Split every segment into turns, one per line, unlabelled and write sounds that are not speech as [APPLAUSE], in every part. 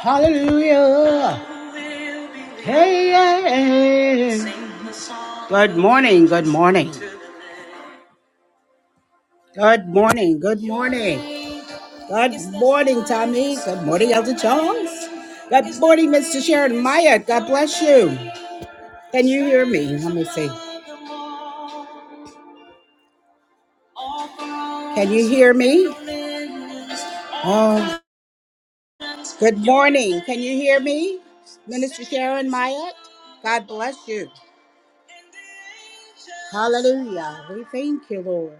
Hallelujah. Hey, hey, hey. Good morning. Good morning. Good morning. Good morning. Good morning, Tommy. Good morning, Elder Jones. Good morning, Mr. Sharon Maya. God bless you. Can you hear me? Let me see. Can you hear me? Oh, good morning. Can you hear me? Minister Sharon Maya? God bless you. Hallelujah. We thank you, Lord.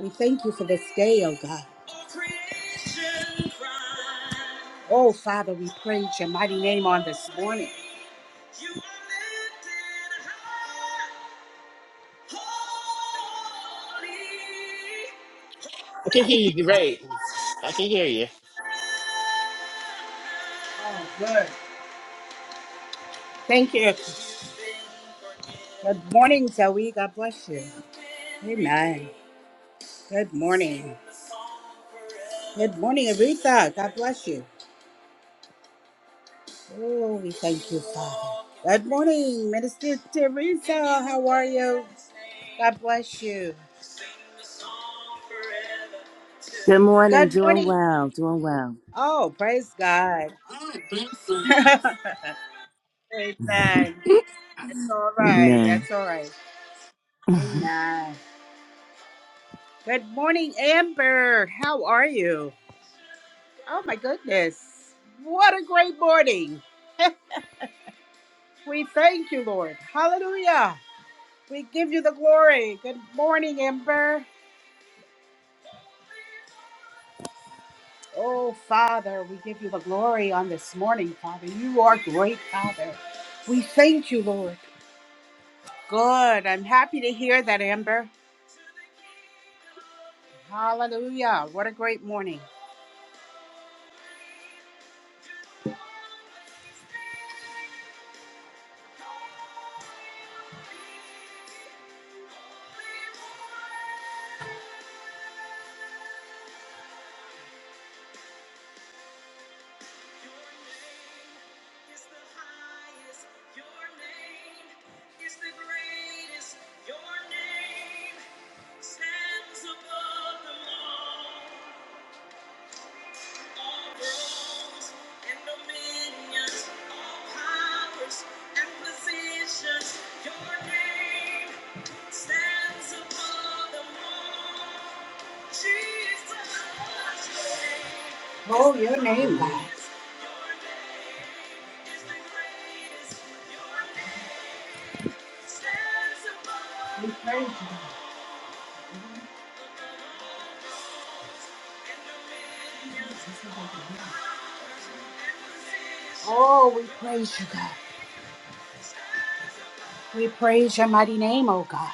We thank you for this day, oh God. Oh, Father, we praise your mighty name on this morning.
I can hear you great. I can hear you.
Oh, good. Thank you. Good morning, Zoe. God bless you. Amen. Good morning. Good morning, Aretha. God bless you. Oh, we thank you, Father. Good morning, Minister Teresa. How are you? God bless you.
Good morning.
Good
Doing
morning.
well. Doing well.
Oh, praise God. [LAUGHS] Amen. That's all right.
Amen.
That's all right.
[LAUGHS]
Amen. Good morning, Amber. How are you? Oh my goodness. What a great morning. We thank you, Lord. Hallelujah. We give you the glory. Good morning, Ember. Oh, Father, we give you the glory on this morning, Father. You are great, Father. We thank you, Lord. Good. I'm happy to hear that, Amber. Hallelujah. What a great morning. Stands above the law, all thrones and dominions, all powers and positions. Your name stands above them all. Jesus, Oh, your name, God. We praise you. Oh, we praise you, God. We praise your mighty name, oh God.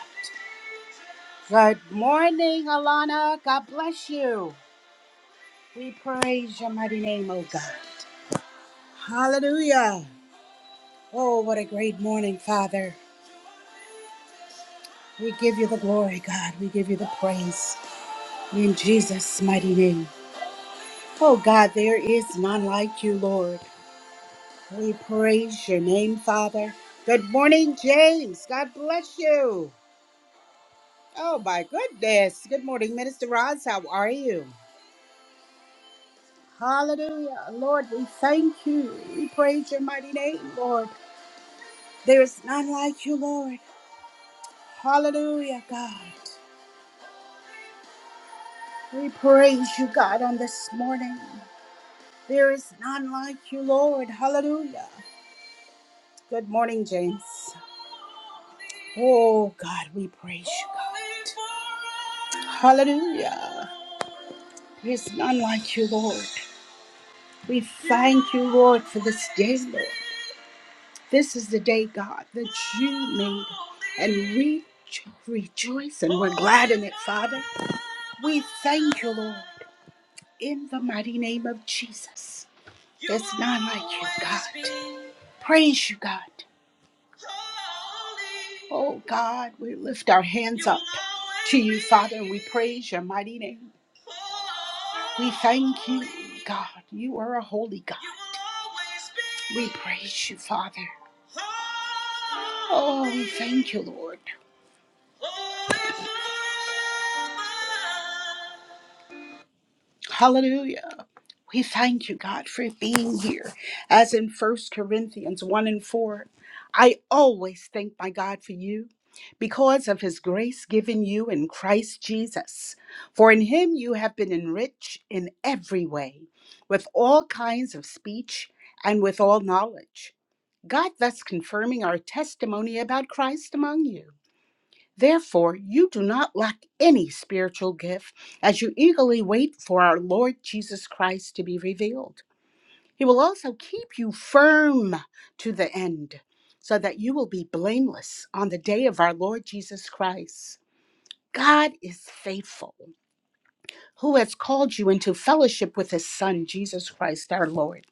Good morning, Alana. God bless you. We praise your mighty name, oh God. Hallelujah. Oh, what a great morning, Father. We give you the glory, God. We give you the praise in Jesus' mighty name. Oh, God, there is none like you, Lord. We praise your name, Father. Good morning, James. God bless you. Oh, my goodness. Good morning, Minister Roz. How are you? Hallelujah. Lord, we thank you. We praise your mighty name, Lord. There is none like you, Lord. Hallelujah, God. We praise you, God, on this morning. There is none like you, Lord. Hallelujah. Good morning, James. Oh, God, we praise you, God. Hallelujah. There is none like you, Lord. We thank you, Lord, for this day, Lord. This is the day, God, that you made, and we rejoice and we're glad in it, Father. We thank you, Lord, in the mighty name of Jesus. There's none like you, God. Praise you, God. Oh God, we lift our hands up to you, Father, and we praise your mighty name. We thank you, God. You are a holy God. We praise you, Father. Oh, we thank you, Lord. Hallelujah. We thank you, God, for being here. As in First Corinthians 1 and 4, I always thank my God for you because of his grace given you in Christ Jesus. For in him you have been enriched in every way, with all kinds of speech and with all knowledge. God thus confirming our testimony about Christ among you. Therefore, you do not lack any spiritual gift as you eagerly wait for our Lord Jesus Christ to be revealed. He will also keep you firm to the end, so that you will be blameless on the day of our Lord Jesus Christ. God is faithful, who has called you into fellowship with his Son, Jesus Christ our Lord.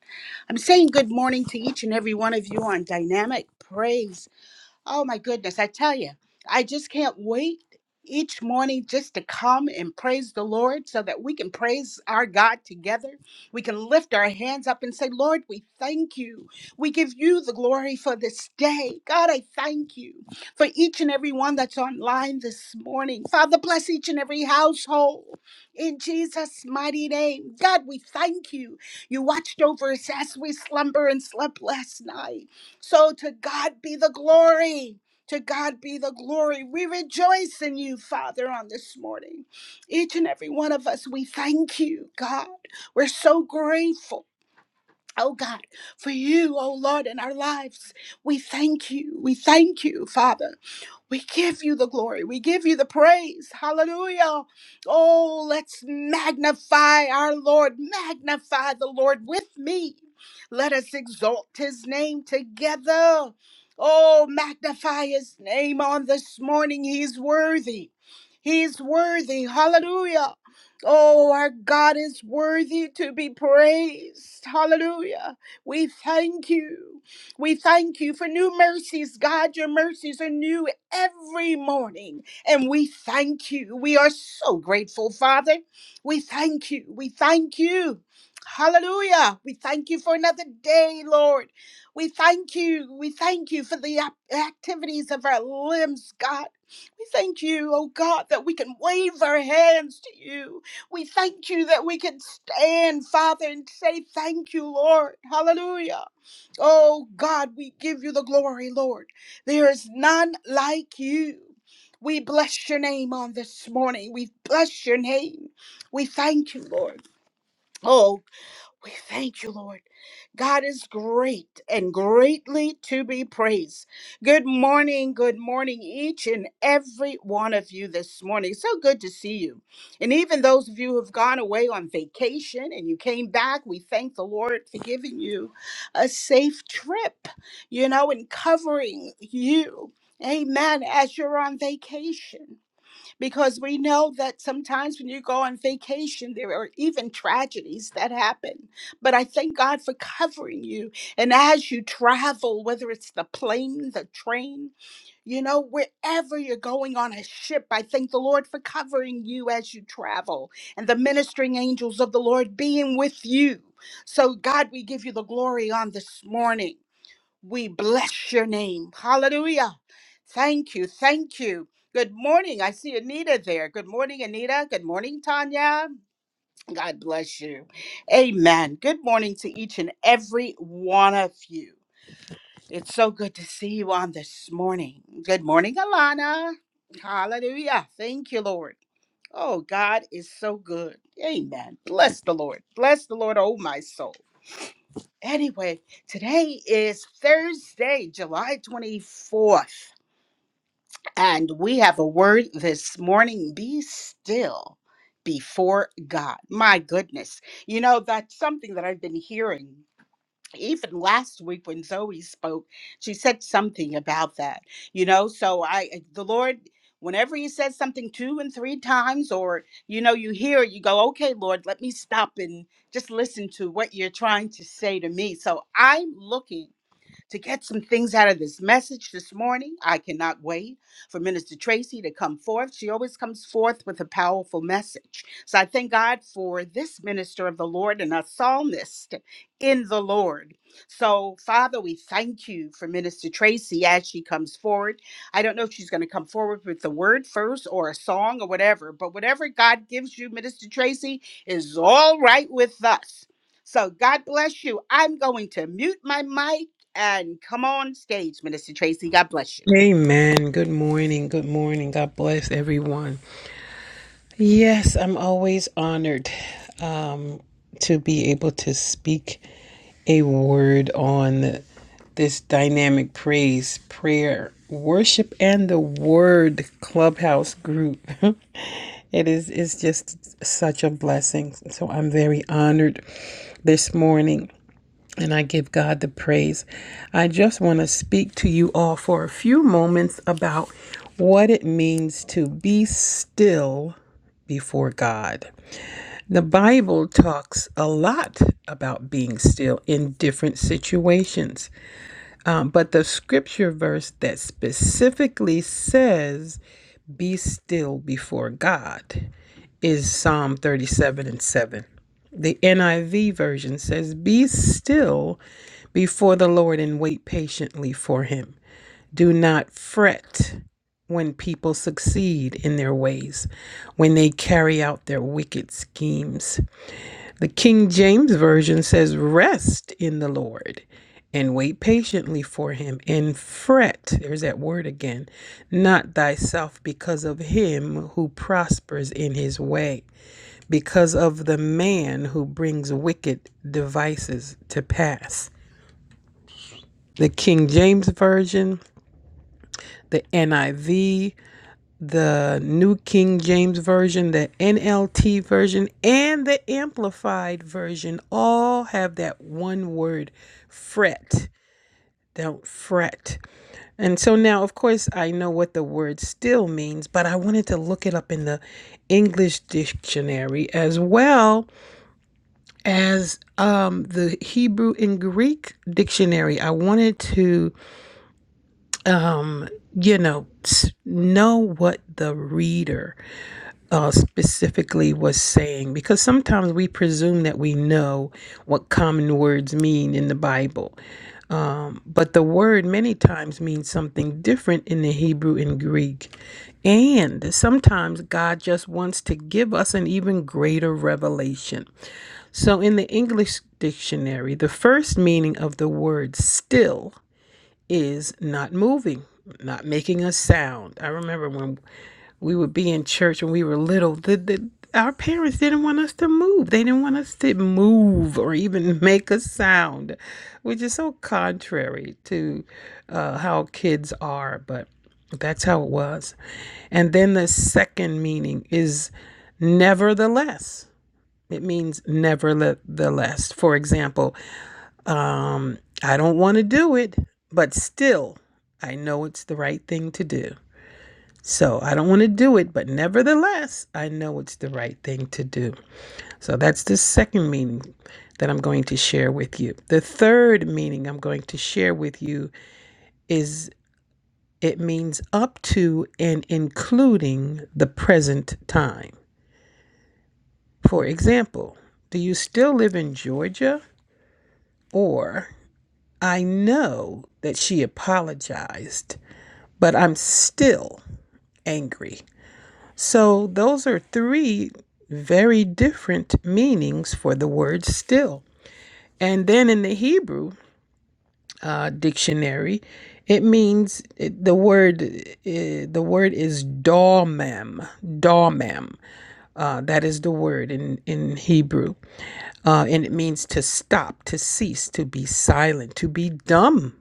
I'm saying good morning to each and every one of you on Dynamic Praise Oh my goodness, I tell you, I just can't wait each morning just to come and praise the Lord so that we can praise our God together. We can lift our hands up and say, Lord, we thank you. We give you the glory for this day. God, I thank you for each and every one that's online this morning. Father, bless each and every household in Jesus' mighty name. God, we thank you. You watched over us as we slumber and slept last night. So to God be the glory. To God be the glory. We rejoice in you, Father, on this morning. Each and every one of us, we thank you, God. We're so grateful. Oh God, for you, oh Lord, in our lives, we thank you. We thank you, Father. We give you the glory. We give you the praise. Hallelujah. Oh, let's magnify our Lord. Magnify the Lord with me. Let us exalt his name together. Oh, magnify his name on this morning. He's worthy. He's worthy. Hallelujah. Oh, our God is worthy to be praised. Hallelujah. We thank you. We thank you for new mercies, God. Your mercies are new every morning. And we thank you. We are so grateful, Father. We thank you. We thank you. Hallelujah. We thank you for another day, Lord. We thank you. We thank you for the ac- activities of our limbs, God. We thank you, oh God, that we can wave our hands to you. We thank you that we can stand, Father, and say, Thank you, Lord. Hallelujah. Oh God, we give you the glory, Lord. There is none like you. We bless your name on this morning. We bless your name. We thank you, Lord. Oh we thank you, Lord. God is great and greatly to be praised. Good morning, good morning, each and every one of you this morning. So good to see you. And even those of you who have gone away on vacation and you came back, we thank the Lord for giving you a safe trip, you know, and covering you. Amen. As you're on vacation because we know that sometimes when you go on vacation, there are even tragedies that happen. But I thank God for covering you. And as you travel, whether it's the plane, the train, you know, wherever you're going on a ship, I thank the Lord for covering you as you travel and the ministering angels of the Lord being with you. So, God, we give you the glory on this morning. We bless your name. Hallelujah. Thank you. Thank you. Good morning. I see Anita there. Good morning, Anita. Good morning, Tanya. God bless you. Amen. Good morning to each and every one of you. It's so good to see you on this morning. Good morning, Alana. Hallelujah. Thank you, Lord. Oh, God is so good. Amen. Bless the Lord. Bless the Lord, oh my soul. Anyway, today is Thursday, July 24th, and we have a word this morning be still before God. My goodness. You know, that's something that I've been hearing even last week when Zoe spoke, she said something about that, you know. So I, eh, the Lord, whenever He says something two and three times, or you know, you hear, it, you go, okay, Lord, let me stop and just listen to what you're trying to say to me. So I'm looking to get some things out of this message this morning. I cannot wait for Minister Tracy to come forth. She always comes forth with a powerful message. So I thank God for this minister of the Lord and a psalmist in the Lord. So, Father, we thank you for Minister Tracy as she comes forward. I don't know if she's going to come forward with the word first or a song or whatever, but whatever God gives you, Minister Tracy, is all right with us. So, God bless you. I'm going to mute my mic and come on stage, Minister Tracy. God bless you.
Amen. Good morning. Good morning. God bless everyone. Yes, I'm always honored um, to be able to speak a word on this dynamic praise, prayer, worship, and the word clubhouse group. [LAUGHS] it is it's just such a blessing. So I'm very honored this morning and I give God the praise. I just want to speak to you all for a few moments about what it means to be still before God. The Bible talks a lot about being still in different situations, um, but the scripture verse that specifically says, Be still before God, is Psalm 37 and 7. The NIV version says, Be still before the Lord and wait patiently for him. Do not fret when people succeed in their ways, when they carry out their wicked schemes. The King James Version says, Rest in the Lord and wait patiently for him and fret, there's that word again, not thyself because of him who prospers in his way because of the man who brings wicked devices to pass. The King James Version, the NIV, the New King James Version, the NLT Version, and the Amplified Version all have that one word fret. Don't fret. And so now, of course, I know what the word still means, but I wanted to look it up in the English dictionary as well as um, the Hebrew and Greek dictionary. I wanted to, you know, know what the reader uh, specifically was saying because sometimes we presume that we know what common words mean in the Bible. Um, but the word many times means something different in the Hebrew and Greek. And sometimes God just wants to give us an even greater revelation. So, in the English dictionary, the first meaning of the word still is not moving, not making a sound. I remember when we would be in church when we were little, the, the, our parents didn't want us to move. They didn't want us to move or even [LAUGHS] make a sound, which is so contrary to uh, how kids are, but that's how it was. And then the second meaning is nevertheless. It means nevertheless. For example, um, I don't want to do it, but still, I know it's the right thing to do. So I don't want to do it, but nevertheless, I know it's the right thing to do. So that's the second meaning that I'm going to share with you. The third meaning I'm going to share with you is it means up to and including the present time. For example, do you still live in Georgia or I know that she apologized, but I'm still angry. So, those are three very different meanings for the word still. And then in the Hebrew uh, dictionary, it means it, the word uh, the word is domem domem uh, that is the word in in Hebrew uh, and it means to stop to cease to be silent to be dumb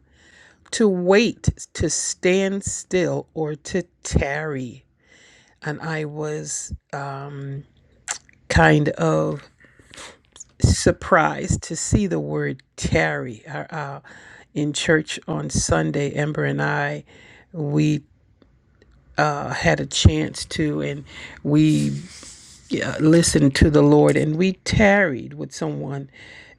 to wait, to stand still, or to tarry. And I was um, kind of surprised to see the word tarry uh, uh, in church on Sunday. Ember and I, we uh, had a chance to, and we yeah, listen to the Lord, and we tarried with someone.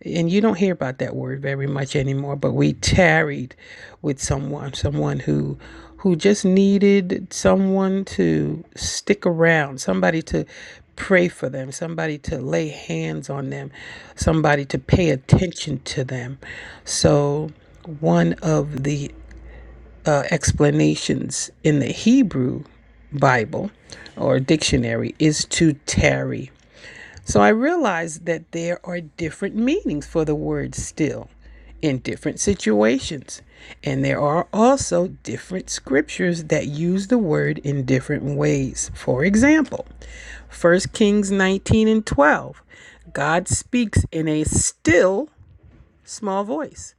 And you don't hear about that word very much anymore, but we tarried with someone, someone who who just needed someone to stick around, somebody to pray for them, somebody to lay hands on them, somebody to pay attention to them. So one of the uh, explanations in the Hebrew Bible or dictionary is to tarry. So I realized that there are different meanings for the word still in different situations. And there are also different scriptures that use the word in different ways. For example, First Kings 19 and 12, God speaks in a still small voice,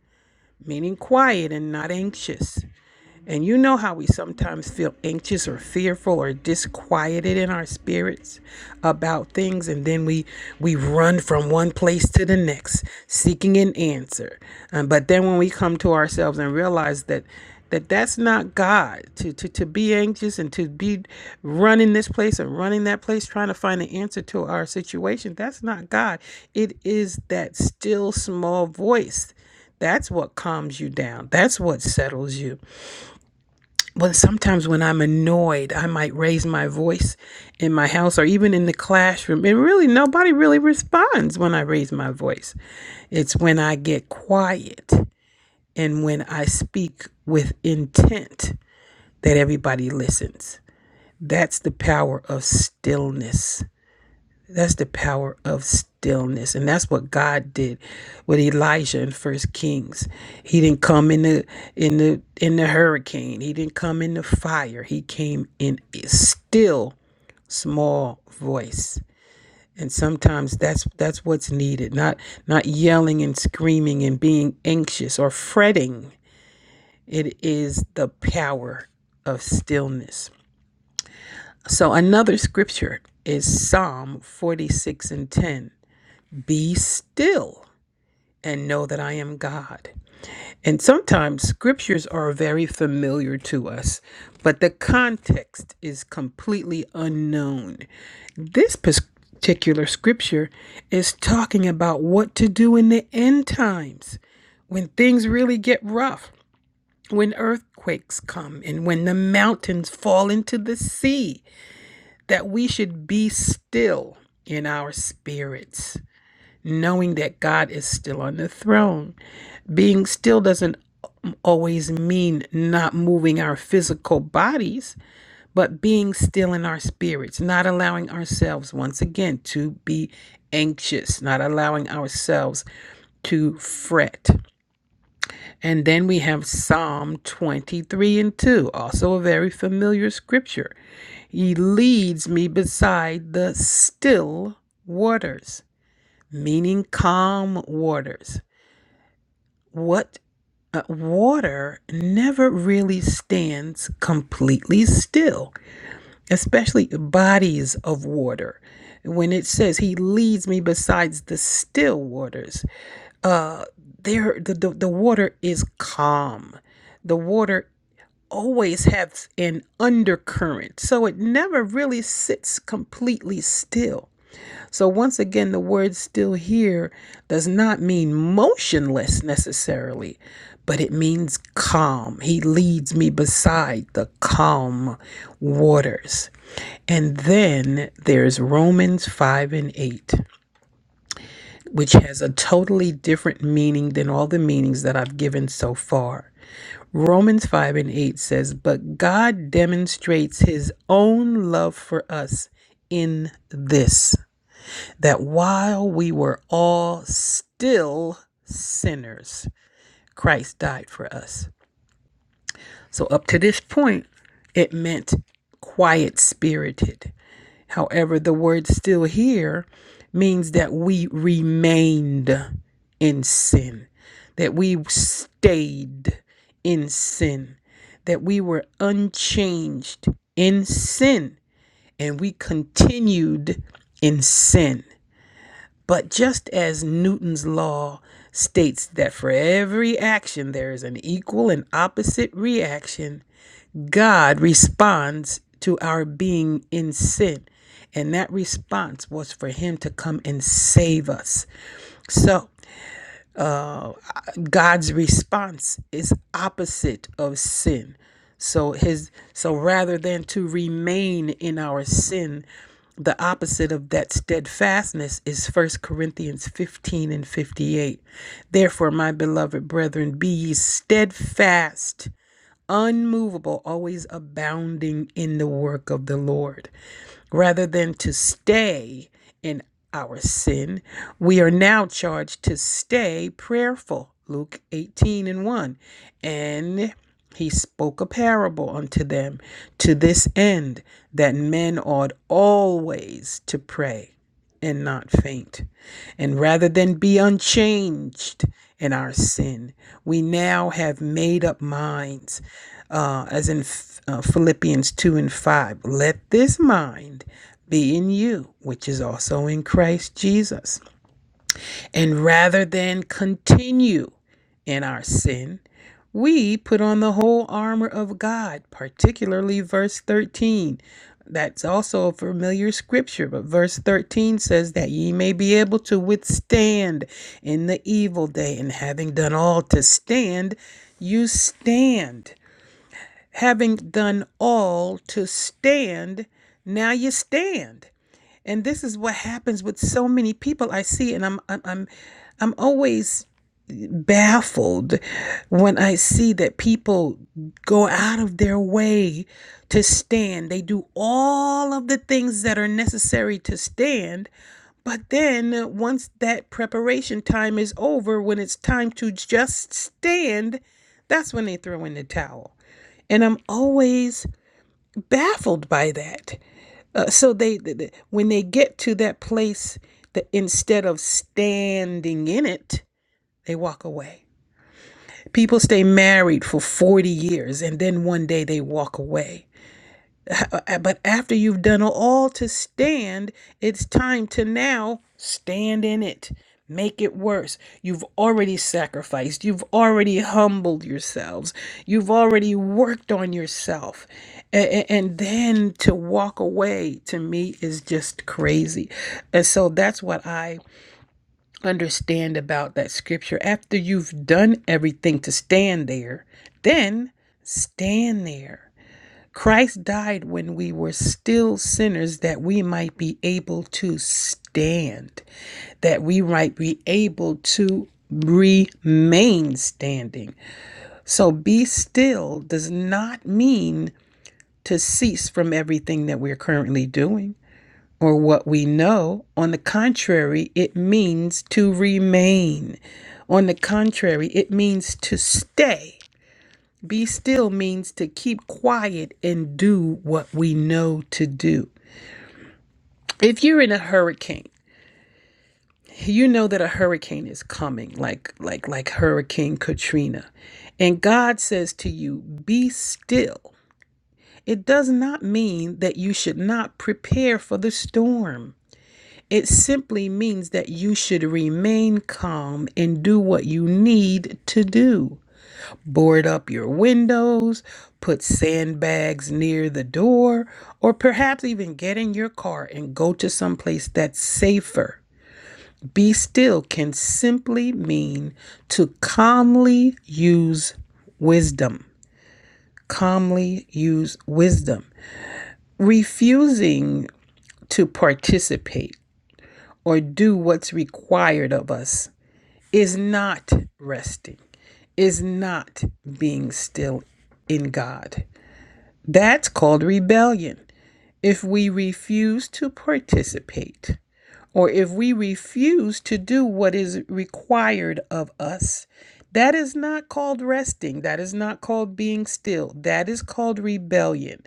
meaning quiet and not anxious. And you know how we sometimes feel anxious or fearful or disquieted in our spirits about things and then we we run from one place to the next seeking an answer. Um, but then when we come to ourselves and realize that that that's not God to, to to be anxious and to be running this place and running that place trying to find an answer to our situation that's not God it is that still small voice that's what calms you down that's what settles you well, sometimes when I'm annoyed, I might raise my voice in my house or even in the classroom. And really, nobody really responds when I raise my voice. It's when I get quiet and when I speak with intent that everybody listens. That's the power of stillness. That's the power of stillness. And that's what God did with Elijah in First Kings. He didn't come in the in the in the hurricane. He didn't come in the fire. He came in a still small voice. And sometimes that's that's what's needed. Not not yelling and screaming and being anxious or fretting. It is the power of stillness. So another scripture is Psalm 46 and 10. Be still and know that I am God. And sometimes scriptures are very familiar to us, but the context is completely unknown. This particular scripture is talking about what to do in the end times when things really get rough, when earthquakes come, and when the mountains fall into the sea, that we should be still in our spirits knowing that God is still on the throne. Being still doesn't always mean not moving our physical bodies, but being still in our spirits, not allowing ourselves, once again, to be anxious, not allowing ourselves to fret. And then we have Psalm 23 and 2, also a very familiar scripture. He leads me beside the still waters, meaning calm waters. what uh, water never really stands completely still, especially bodies of water. When it says he leads me besides the still waters, uh, there the, the, the water is calm. The water always has an undercurrent, so it never really sits completely still so, once again, the word still here does not mean motionless necessarily, but it means calm. He leads me beside the calm waters. And then there's Romans 5 and 8, which has a totally different meaning than all the meanings that I've given so far. Romans 5 and 8 says, But God demonstrates his own love for us in this that while we were all still sinners, Christ died for us. So, up to this point, it meant quiet spirited. However, the word still here means that we remained in sin, that we stayed in sin, that we were unchanged in sin, and we continued in sin. But just as Newton's law states that for every action there is an equal and opposite reaction, God responds to our being in sin. And that response was for him to come and save us. So uh, God's response is opposite of sin. So his so rather than to remain in our sin, the opposite of that steadfastness is First Corinthians 15 and 58. Therefore, my beloved brethren, be ye steadfast, unmovable, always abounding in the work of the Lord. Rather than to stay in our sin, we are now charged to stay prayerful. Luke 18 and 1. And he spoke a parable unto them to this end that men ought always to pray and not faint. And rather than be unchanged in our sin, we now have made up minds uh, as in Ph- uh, Philippians 2 and 5. Let this mind be in you, which is also in Christ Jesus. And rather than continue in our sin, we put on the whole armor of God, particularly verse 13. That's also a familiar scripture, but verse 13 says that ye may be able to withstand in the evil day, and having done all to stand, you stand having done all to stand, now you stand. And this is what happens with so many people I see, and I'm I'm I'm, I'm always baffled when I see that people go out of their way to stand. They do all of the things that are necessary to stand, but then once that preparation time is over, when it's time to just stand, that's when they throw in the towel. And I'm always baffled by that. Uh, so they, th- when they get to that place, that instead of standing in it, they walk away. People stay married for 40 years and then one day they walk away. Uh, uh, But after you've done all to stand, it's time to now stand in it. Make it worse. You've already sacrificed. You've already humbled yourselves. You've already worked on yourself. A- And then to walk away to me is just crazy. And so that's what I understand about that scripture. After you've done everything to stand there, then stand there Christ died when we were still sinners that we might be able to stand, that we might be able to remain standing. So be still does not mean to cease from everything that we're currently doing or what we know. On the contrary, it means to remain. On the contrary, it means to stay. Be still means to keep quiet and do what we know to do. If you're in a hurricane, you know that a hurricane is coming, like like like Hurricane Katrina. And God says to you, "Be still." It does not mean that you should not prepare for the storm. It simply means that you should remain calm and do what you need to do. Board up your windows, put sandbags near the door, or perhaps even get in your car and go to some place that's safer. Be still can simply mean to calmly use wisdom. Calmly use wisdom. Refusing to participate or do what's required of us is not resting, is not being still in God. That's called rebellion. If we refuse to participate, or if we refuse to do what is required of us, that is not called resting. That is not called being still. That is called rebellion.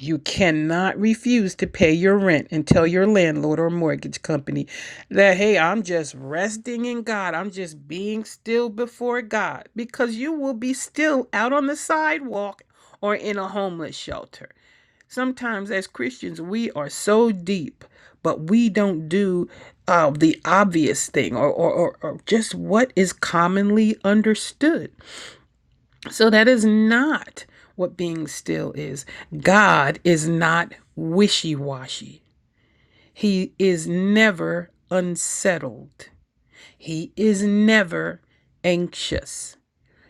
You cannot refuse to pay your rent and tell your landlord or mortgage company that, hey, I'm just resting in God. I'm just being still before God because you will be still out on the sidewalk or in a homeless shelter. Sometimes, as Christians, we are so deep, but we don't do uh, the obvious thing or, or, or, or just what is commonly understood. So, that is not what being still is. God is not wishy washy, He is never unsettled, He is never anxious.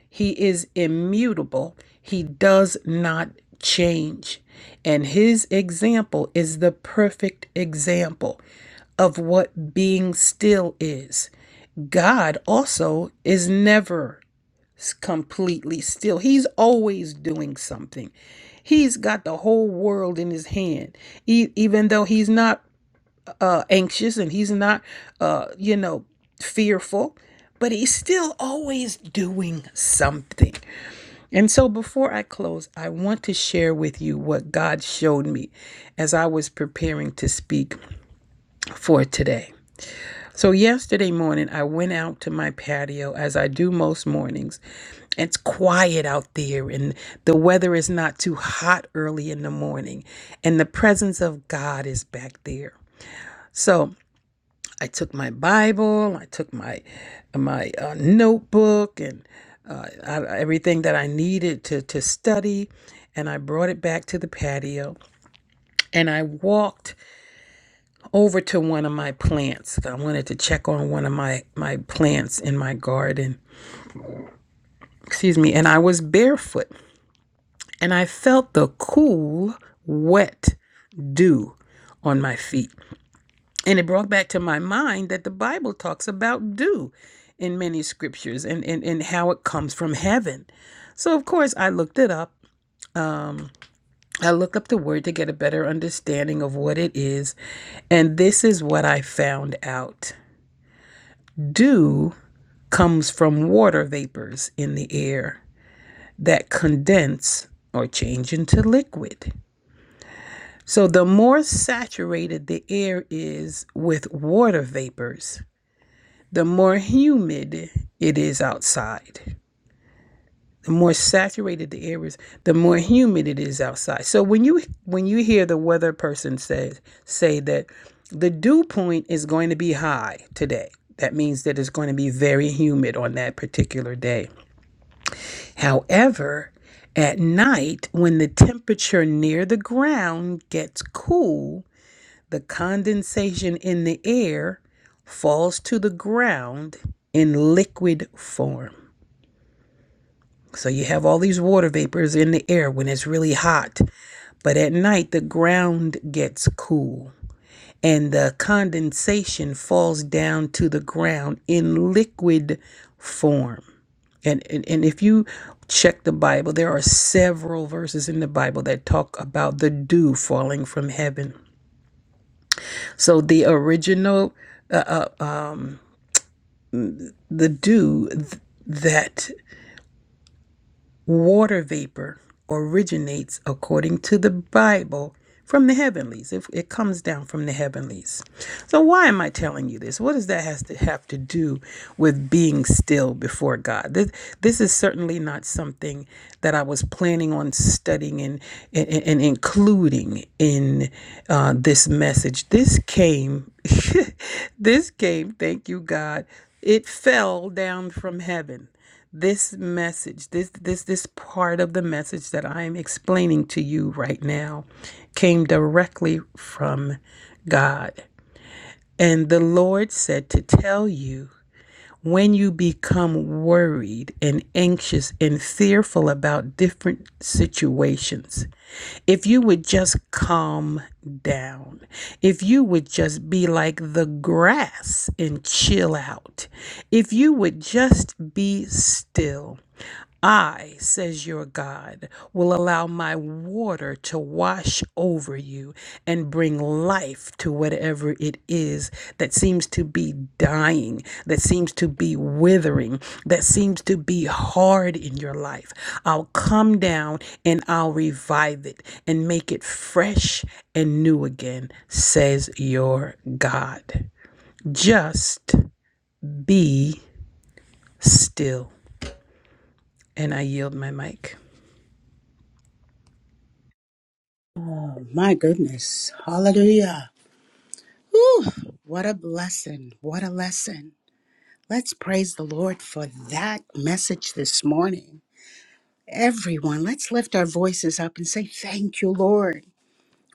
He is immutable. He does not change. And his example is the perfect example of what being still is. God also is never completely still, he's always doing something. He's got the whole world in his hand. E- even though he's not uh, anxious and he's not, uh, you know, fearful, but he's still always doing something. And so before I close, I want to share with you what God showed me as I was preparing to speak for today. So yesterday morning, I went out to my patio as I do most mornings. It's quiet out there, and the weather is not too hot early in the morning, and the presence of God is back there. So I took my Bible, I took my my uh, notebook, and uh, I, everything that I needed to to study, and I brought it back to the patio. And I walked over to one of my plants. I wanted to check on one of my my plants in my garden. Excuse me. And I was barefoot, and I felt the cool, wet dew on my feet. And it brought back to my mind that the Bible talks about dew in many scriptures and, and, and how it comes from heaven. So, of course, I looked it up. I looked up the word to get a better understanding of what it is. And this is what I found out dew comes from water vapors in the air that condense or change into liquid. So, the more saturated the air is with water vapors, the more humid it is outside the more saturated the air is the more humid it is outside so when you when you hear the weather person say say that the dew point is going to be high today that means that it's going to be very humid on that particular day however at night when the temperature near the ground gets cool the condensation in the air falls to the ground in liquid form. So you have all these water vapors in the air when it's really hot, but at night the ground gets cool and the condensation falls down to the ground in liquid form. And, and, and if you check the Bible, there are several verses in the Bible that talk about the dew falling from heaven. So the original the dew th- that water vapor originates according to the Bible from the heavenlies. If it comes down from the heavenlies. So why am I telling you this? What does that has to have to do with being still before God? This this is certainly not something that I was planning on studying and and, and including in uh, this message. This came [LAUGHS] This came, thank you, God. It fell down from heaven. This message, this this this part of the message that I am explaining to you right now came directly from God. And the Lord said to tell you when you become worried and anxious and fearful about different situations, if you would just calm down, if you would just be like the grass and chill out, if you would just be still. I, says your God, will allow my water to wash over you and bring life to whatever it is that seems to be dying, that seems to be withering, that seems to be hard in your life. I'll come down and I'll revive it and make it fresh and new again, says your God. Just be still. And I yield my mic.
Oh, my goodness. Hallelujah. Whew. What a blessing. What a lesson. Let's praise the Lord for that message this morning. Everyone, let's lift our voices up and say, Thank you, Lord.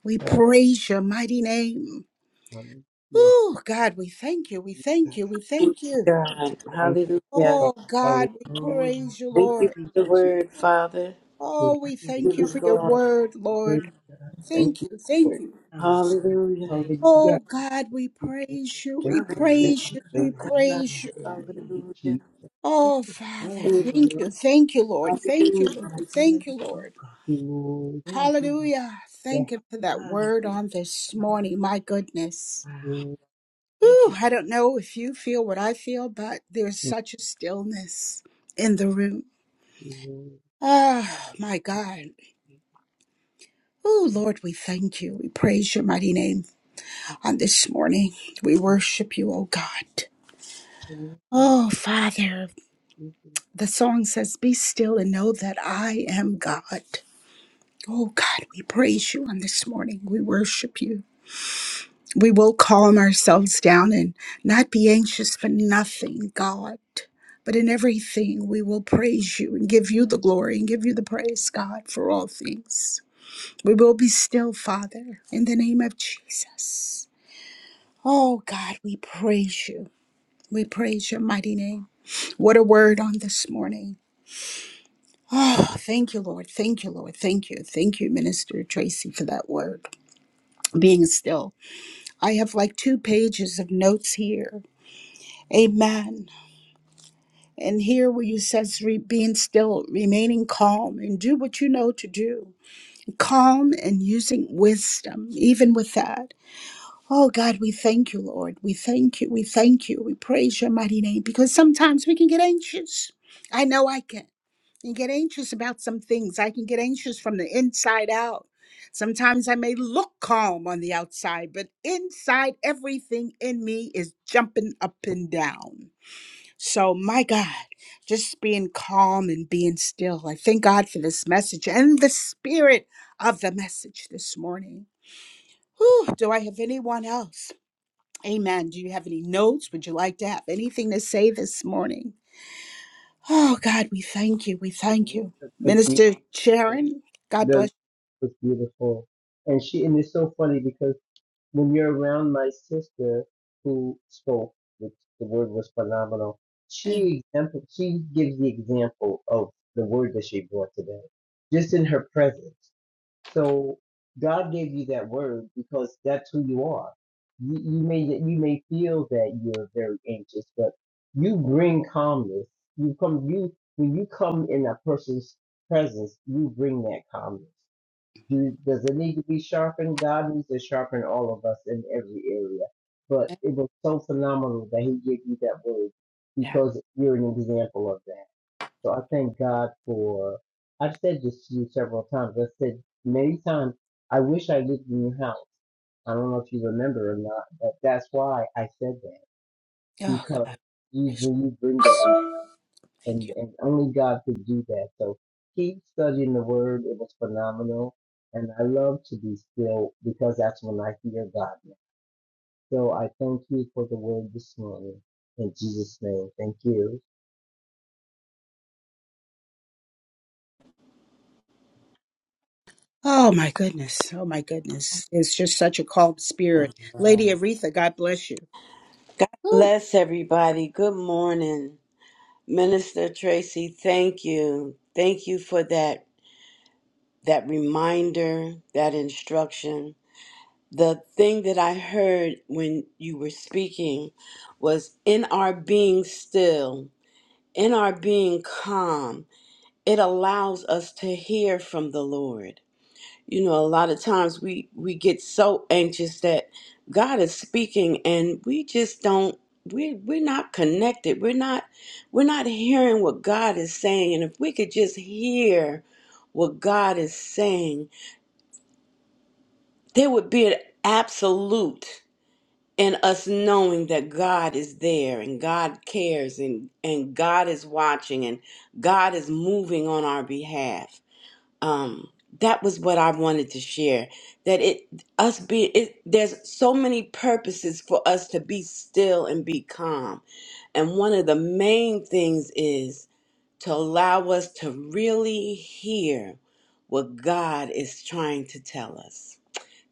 We
That's
praise your mighty name.
funny. Yes,
Oh, God, we thank you. We thank
Jesus.
you. We
Thank
thank
you,
you.
God.
Thank you,
Hallelujah.
Oh,
God. Hallelujah.
God, we
Oh, yeah.
praise you,
Thank you
Lord.
Thank
for the
you, Jesus.
Thank
word, Father.
you,
Oh, we
worthy,
Give
thank you
it
for your
glory.
word,
worthy
Lord.
God. Thank
Thank
you,
you. Thank
Lord.
you.
Hallelujah.
Hallelujah.
Oh God, we
Thank you, Lord.
praise you,
thank
we
Thank
you, thank
you,
you,
praise you, we
thank you,
God.
praise you.
Thank you,
Hallelujah.
Jesus.
Oh Father,
Thank
Thank
thank
you.
you, thank you, Lord, thank you,
Hallelujah.
Lord, thank you, Lord.
you, Lord.
Hallelujah. Thank
Yes,
you for that word on this morning. My goodness.
Lord. Thank
Whew, I don't know if you feel what I feel, but there's
you, Lord.
such a stillness in the room.
Jesus. Thank
Oh my God. Oh Lord, we thank you. We praise your mighty name on this morning. We worship you, oh God.
you, Lord.
Oh Father.
Jesus.
The song says, Be still and know that I am God. Oh God, we praise you on this morning. We worship you. We will calm ourselves down and not be anxious for nothing, God. But in everything, we will praise you and give you the glory and give you the praise, God, for all things. We will be still, Father, in the name of Jesus. Oh God, we praise you. We praise your mighty name. What a word on this morning. Oh, thank you, Lord. Thank you, Lord. Thank you. Thank you, Minister Tracy, for that word. Being still. I have like two pages of notes here. Amen. And here where you says re- being still, remaining calm, and do what you know to do. Calm and using wisdom, even with that. Oh God, we thank you, Lord. We thank you. We thank you. We praise your mighty name because sometimes we can get anxious. I know I can. and get anxious about some things. I can get anxious from the inside out. Sometimes I may look calm on the outside, but inside, everything in me is jumping up and down. So, my God, just being calm and being still. I thank God for this message and the spirit of the message this morning. Whew, do I have anyone else? Amen. Do you have any notes? Would you like to have anything to say this morning? Oh, God, we thank you. We
The
thank you.
worship was
Minister
beautiful.
Sharon, God
The
bless
was beautiful. And she, and it's so funny because When you're around my sister who spoke, which the word was phenomenal,
you. And
she exempl- she gives the example of the word that she brought today, just in her presence. So God gave you that word because that's who you are. You, you may you may feel that you're very anxious, but you bring calmness. You come you when you come in a person's presence, you bring that calmness. Do, does it need to be sharpened? God needs to sharpen all of us in every area. But it was so phenomenal that He gave you that word
yeah,
because you're an example of that. So I thank God for. I've said this to you several times. I said many times. I wish I lived in your house. I don't know if you remember or not, but that's why I said that because you when you bring that and
Thank you.
and only God could do that. So keep studying the Word; it was phenomenal, and I love to be still because that's when I hear God. So I thank you for the Word this morning in Jesus' name. Thank you.
Oh, my goodness. Oh, my goodness. It's just such a calm spirit. Lady Aretha, God bless you.
God
Woo.
bless everybody. Good morning. Minister Tracy, thank you. Thank you for that that reminder, that instruction. The thing that I heard when you were speaking was in our being still, in our being calm. it allows us to hear from the lord you know a lot of times we we get so anxious that god is speaking and we just don't we we're not connected we're not we're not hearing what god is saying and if we could just hear what god is saying there would be an absolute in us knowing that god is there and god cares and and god is watching and god is moving on our behalf um that was what i wanted to share that it us be it there's so many purposes for us to be still and be calm and one of the main things is to allow us to really hear what god is trying to tell us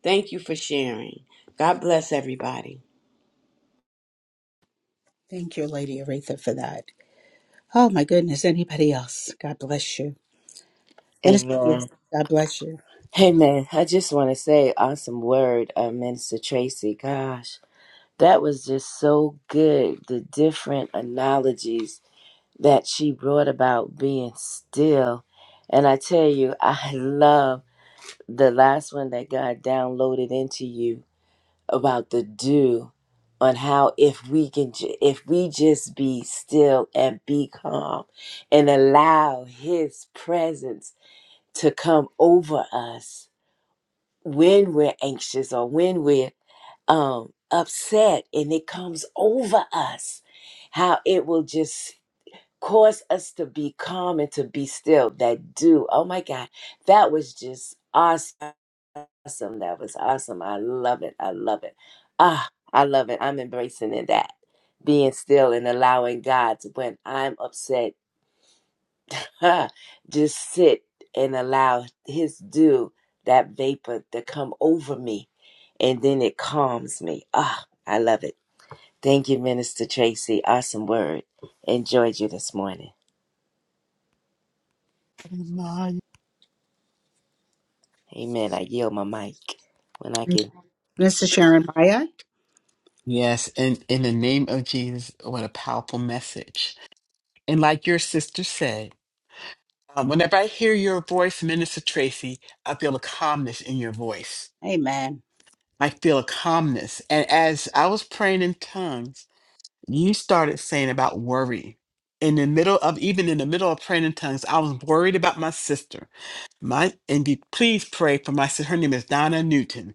thank you for sharing god bless everybody
Thank you, Lady Aretha, for that. Oh, my goodness. Anybody else? God bless you. Minister,
Amen.
God bless you.
Hey, man. I just want to say, awesome word, uh, Minister Tracy. Gosh, that was just so good. The different analogies that she brought about being still. And I tell you, I [LAUGHS] love the last one that God downloaded into you about the do on how if we can ju- if we just be still and be calm and allow his presence to come over us when we're anxious or when we're um upset and it comes over us how it will just cause us to be calm and to be still. That do, oh my God, that was just awesome. Awesome. That was awesome. I love it. I love it. Ah, I love it. I'm embracing in that. Being still and allowing God to, when I'm upset, huh, just sit and allow His dew, that vapor, to come over me. And then it calms me. Ah, I love it. Thank you, Minister Tracy. Awesome word. Enjoyed you this morning.
My-
Amen. I yield my mic when I can
Minister Sharon Hyatt.
Yes, and in the name of Jesus, what a powerful message. And like your sister said, um, whenever I hear your voice, Minister Tracy, I feel a calmness in your voice.
Amen.
I feel a calmness. And as I was praying in tongues, you started saying about worry. In the middle of, even in the middle of praying in tongues, I was worried about my sister. My, and be, please pray for my sister. Her name is Donna Newton.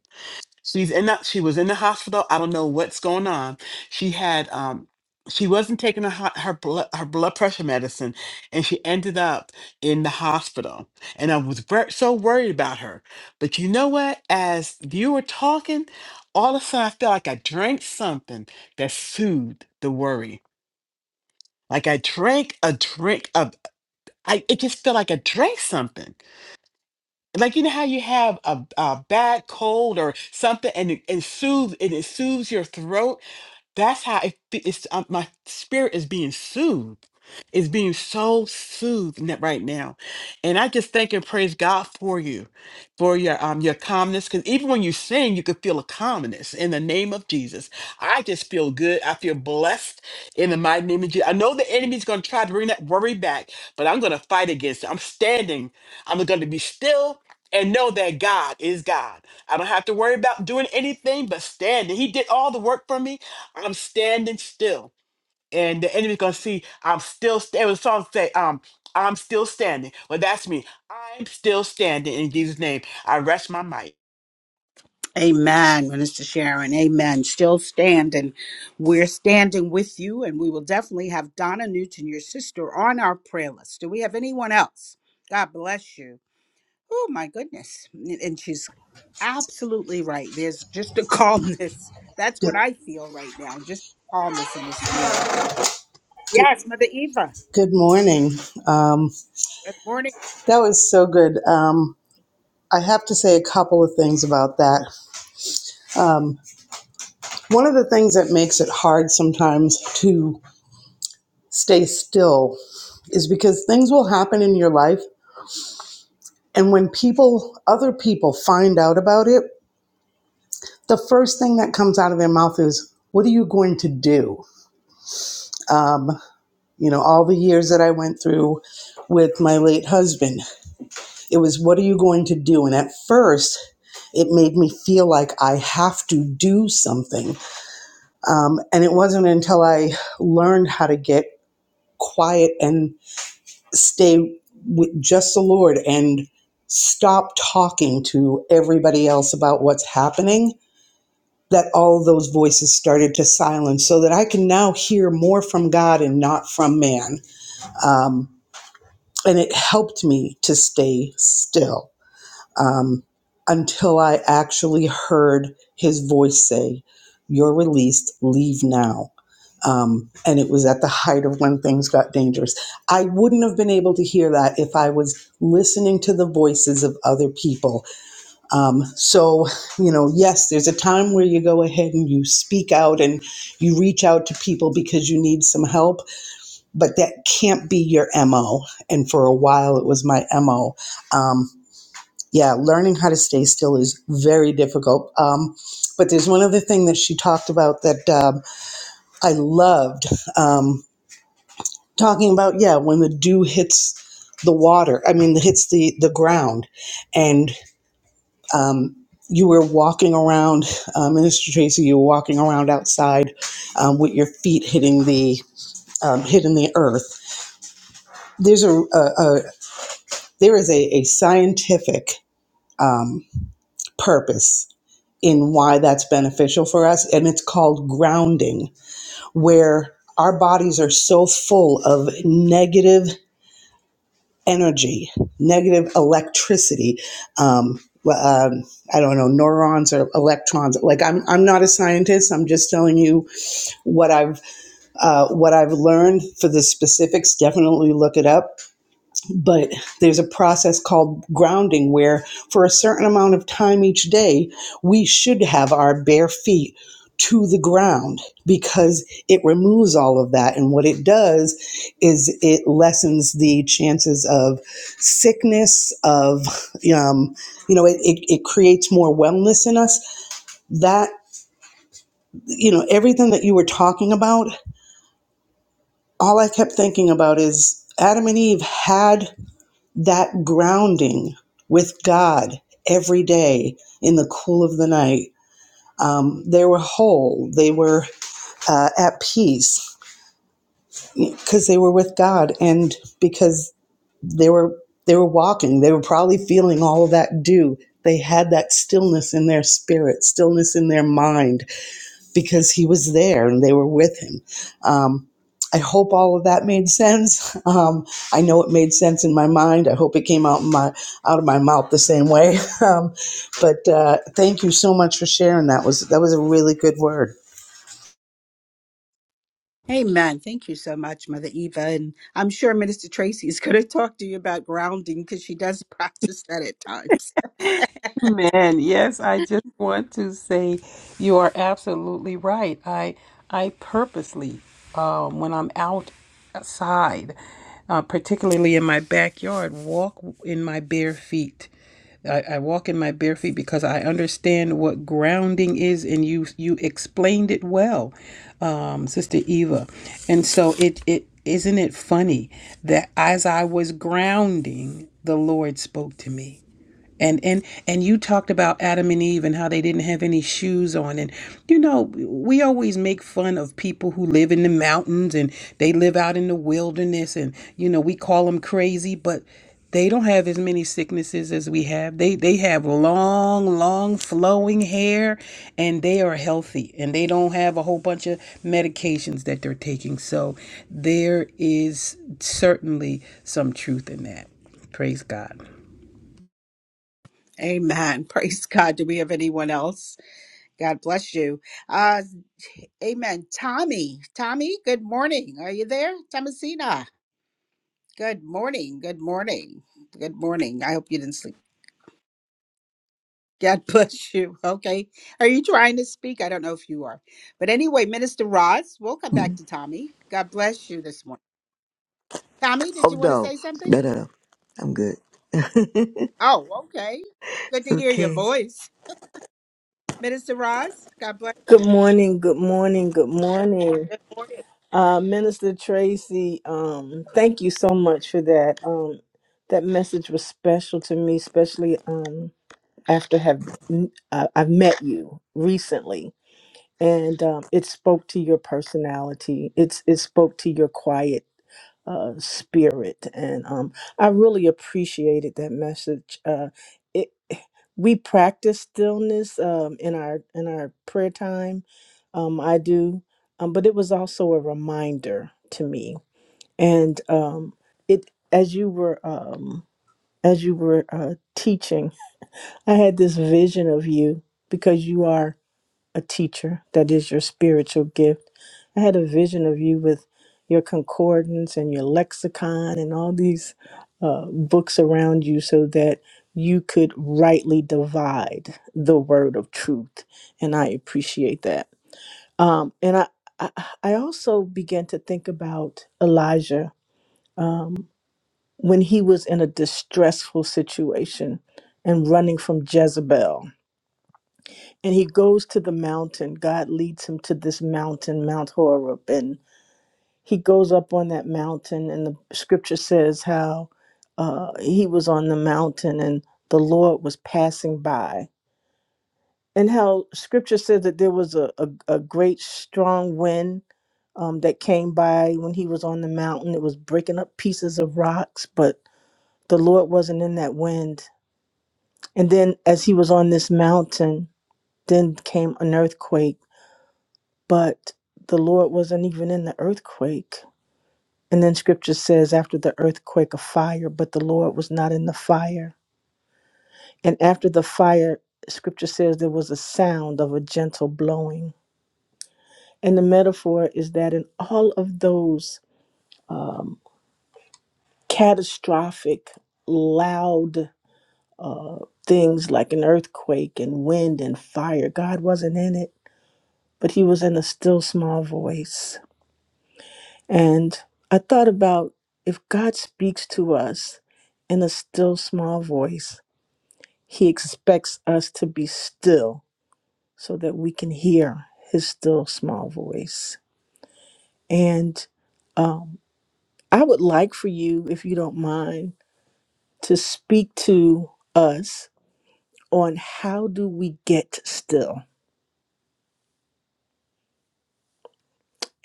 She's in that. She was in the hospital. I don't know what's going on. She had um. She wasn't taking her hot- her blood her blood pressure medicine, and she ended up in the hospital. And I was ver- so worried about her. But you know what? As you were talking, all of a sudden I felt like I drank something that soothed the worry. Like I drank a drink of. I it just felt like I drank something like you know how you have a, a bad cold or something and it, it soothes and it soothes your throat that's how it, fe- it's. Um, my spirit is being soothed. It's being so soothed n- right now, and I just thank and praise God for you, for your um your calmness. Because even when you sing, you could feel a calmness in the name of Jesus. I just feel good. I feel blessed in the mighty name of Jesus. I know the enemy's going to try to bring that worry back, but I'm going to fight against it. I'm standing. I'm going to be still and know that God is God. I don't have to worry about doing anything but standing. He did all the work for me. I'm standing still, and the enemy gonna see I'm still. St- it was a song say, um, I'm still standing. Well, that's me. I'm still standing in Jesus' name. I rest my mic.
Amen, Minister Sharon. Amen. Still standing. We're standing with you, and we will definitely have Donna Newton, your sister, on our prayer list. Do we have anyone else? God bless you. Oh, my goodness. N- And she's absolutely right. There's just a [LAUGHS] calmness. That's
Good,
what I feel right now, just calmness in the spirit.
good,
Yes, Mother Eva.
good morning. Um,
Good morning.
that was so good. Um, I have to say a couple of things about that. Um, one of the things that makes it hard sometimes to stay still is because things will happen in your life, and when people, other people, find out about it, the first thing that comes out of their mouth is, "What are you going to do?" Um, you know, all the years that I went through with my late husband, it was, "What are you going to do?" And at first, It made me feel like I have to do something. Um, and it wasn't until I learned how to get quiet and stay with just the Lord and stop talking to everybody else about what's happening that all of those voices started to silence so that I can now hear more from God and not from man. Um, and it helped me to stay still um, until I actually heard his voice say, You're released, leave now. Um, and it was at the height of when things got dangerous. I wouldn't have been able to hear that if I was listening to the voices of other people. Um, so, you know, yes, there's a time where you go ahead and you speak out and you reach out to people because you need some help, but that can't be your MO. And for a while, it was my MO. Um, yeah, learning how to stay still is very difficult. Um, but there's one other thing that she talked about that um, I loved um, talking about. Yeah, when the dew hits the water, I mean, hits the the ground, and um, you were walking around, uh, Minister Tracy, you were walking around outside um, with your feet hitting the um, hitting the earth. There's a, a, a there is a, a scientific um, purpose in why that's beneficial for us. And it's called grounding, where our bodies are so full of negative energy, negative electricity. Um, well, um, I don't know, neurons or electrons. Like I'm, I'm not a scientist. I'm just telling you what I've, uh, what I've learned for the specifics. Definitely look it up but there's a process called grounding where for a certain amount of time each day we should have our bare feet to the ground because it removes all of that and what it does is it lessens the chances of sickness of um, you know it, it, it creates more wellness in us that you know everything that you were talking about all i kept thinking about is adam and eve had that grounding with God every day in the cool of the night. Um, they were whole, they were uh, at peace because they were with God and because they were they were walking. They were probably feeling all of that dew. They had that stillness in their spirit, stillness in their mind because he was there and they were with him. Um, I hope all of that made sense. [LAUGHS] Um, I know it made sense in my mind. I hope it came out in my out of my mouth the same way. [LAUGHS] Um, but uh, thank you so much for sharing. That was that was a really good word.
Amen. Thank you so much, Mother Eva. And I'm sure Minister Tracy is going to [LAUGHS] talk to you about grounding because she does [LAUGHS] practice that at times.
Man, yes, I just want to say you are absolutely right. I I purposely, um, when I'm outside, uh, particularly in my backyard, walk in my bare feet. I, I walk in my bare feet because I understand what grounding is, and you you explained it well, um, Sister Eva. And so it it isn't it funny that as I was grounding, the Lord spoke to me and and and you talked about Adam and Eve and how they didn't have any shoes on and you know we always make fun of people who live in the mountains and they live out in the wilderness and you know we call them crazy but they don't have as many sicknesses as we have they they have long long flowing hair and they are healthy and they don't have a whole bunch of medications that they're taking so there is certainly some truth in that praise god
Amen. [LAUGHS] Praise God. Do we have anyone else? God bless you. Uh, amen. Tommy, Tommy, good morning. Are you there? Thomasina, good morning. Good morning. Good morning. I hope you didn't sleep. God [LAUGHS] bless you. Okay. Are you trying to speak? I don't know if you are. But anyway, Minister Roz, we'll come back
Oh
to Tommy. God bless you this morning. Tommy, did you want to
no,
say something?
no, no, no. I'm good.
Oh, okay. Good to hear your
Okay.
voice. Minister Roz, God bless
Good
you.
morning, good morning, good morning.
Good morning.
Uh, Minister Tracy, um, thank you so much for that. Um, that message was special to me, especially um, after have uh, I've met you recently, and um, it spoke to your personality. It's it spoke to your quiet uh, spirit, and um, I really appreciated that message. Uh, we practice stillness um, in our in our prayer time. Um, I do, um, but it was also a reminder to me. And um, it as you were um, as you were uh, teaching, I had this vision of you because you are a teacher. That is your spiritual gift. I had a vision of you with your concordance and your lexicon and all these uh, books around you so that you could rightly divide the word of truth. And I appreciate that. Um, and I, I, I also began to think about Elijah um, when he was in a distressful situation and running from Jezebel and he goes to the mountain. God leads him to this mountain, Mount Horeb, and he goes up on that mountain. And the scripture says how uh, he was on the mountain and the Lord was passing by, and how scripture says that there was a, a, a great strong wind um, that came by when he was on the mountain. It was breaking up pieces of rocks, but the Lord wasn't in that wind. And then as he was on this mountain, then came an earthquake but the Lord wasn't even in the earthquake. And then scripture says, after the earthquake, a fire, but the Lord was not in the fire. And after the fire, scripture says there was a sound of a gentle blowing. And the metaphor is that in all of those um, catastrophic, loud uh, things like an earthquake and wind and fire, God wasn't in it, but He was in a still small voice. And I thought about if God speaks to us in a still small voice, he expects us to be still so that we can hear his still small voice. And um, I would like for you, if you don't mind, to speak to us on how do we get still.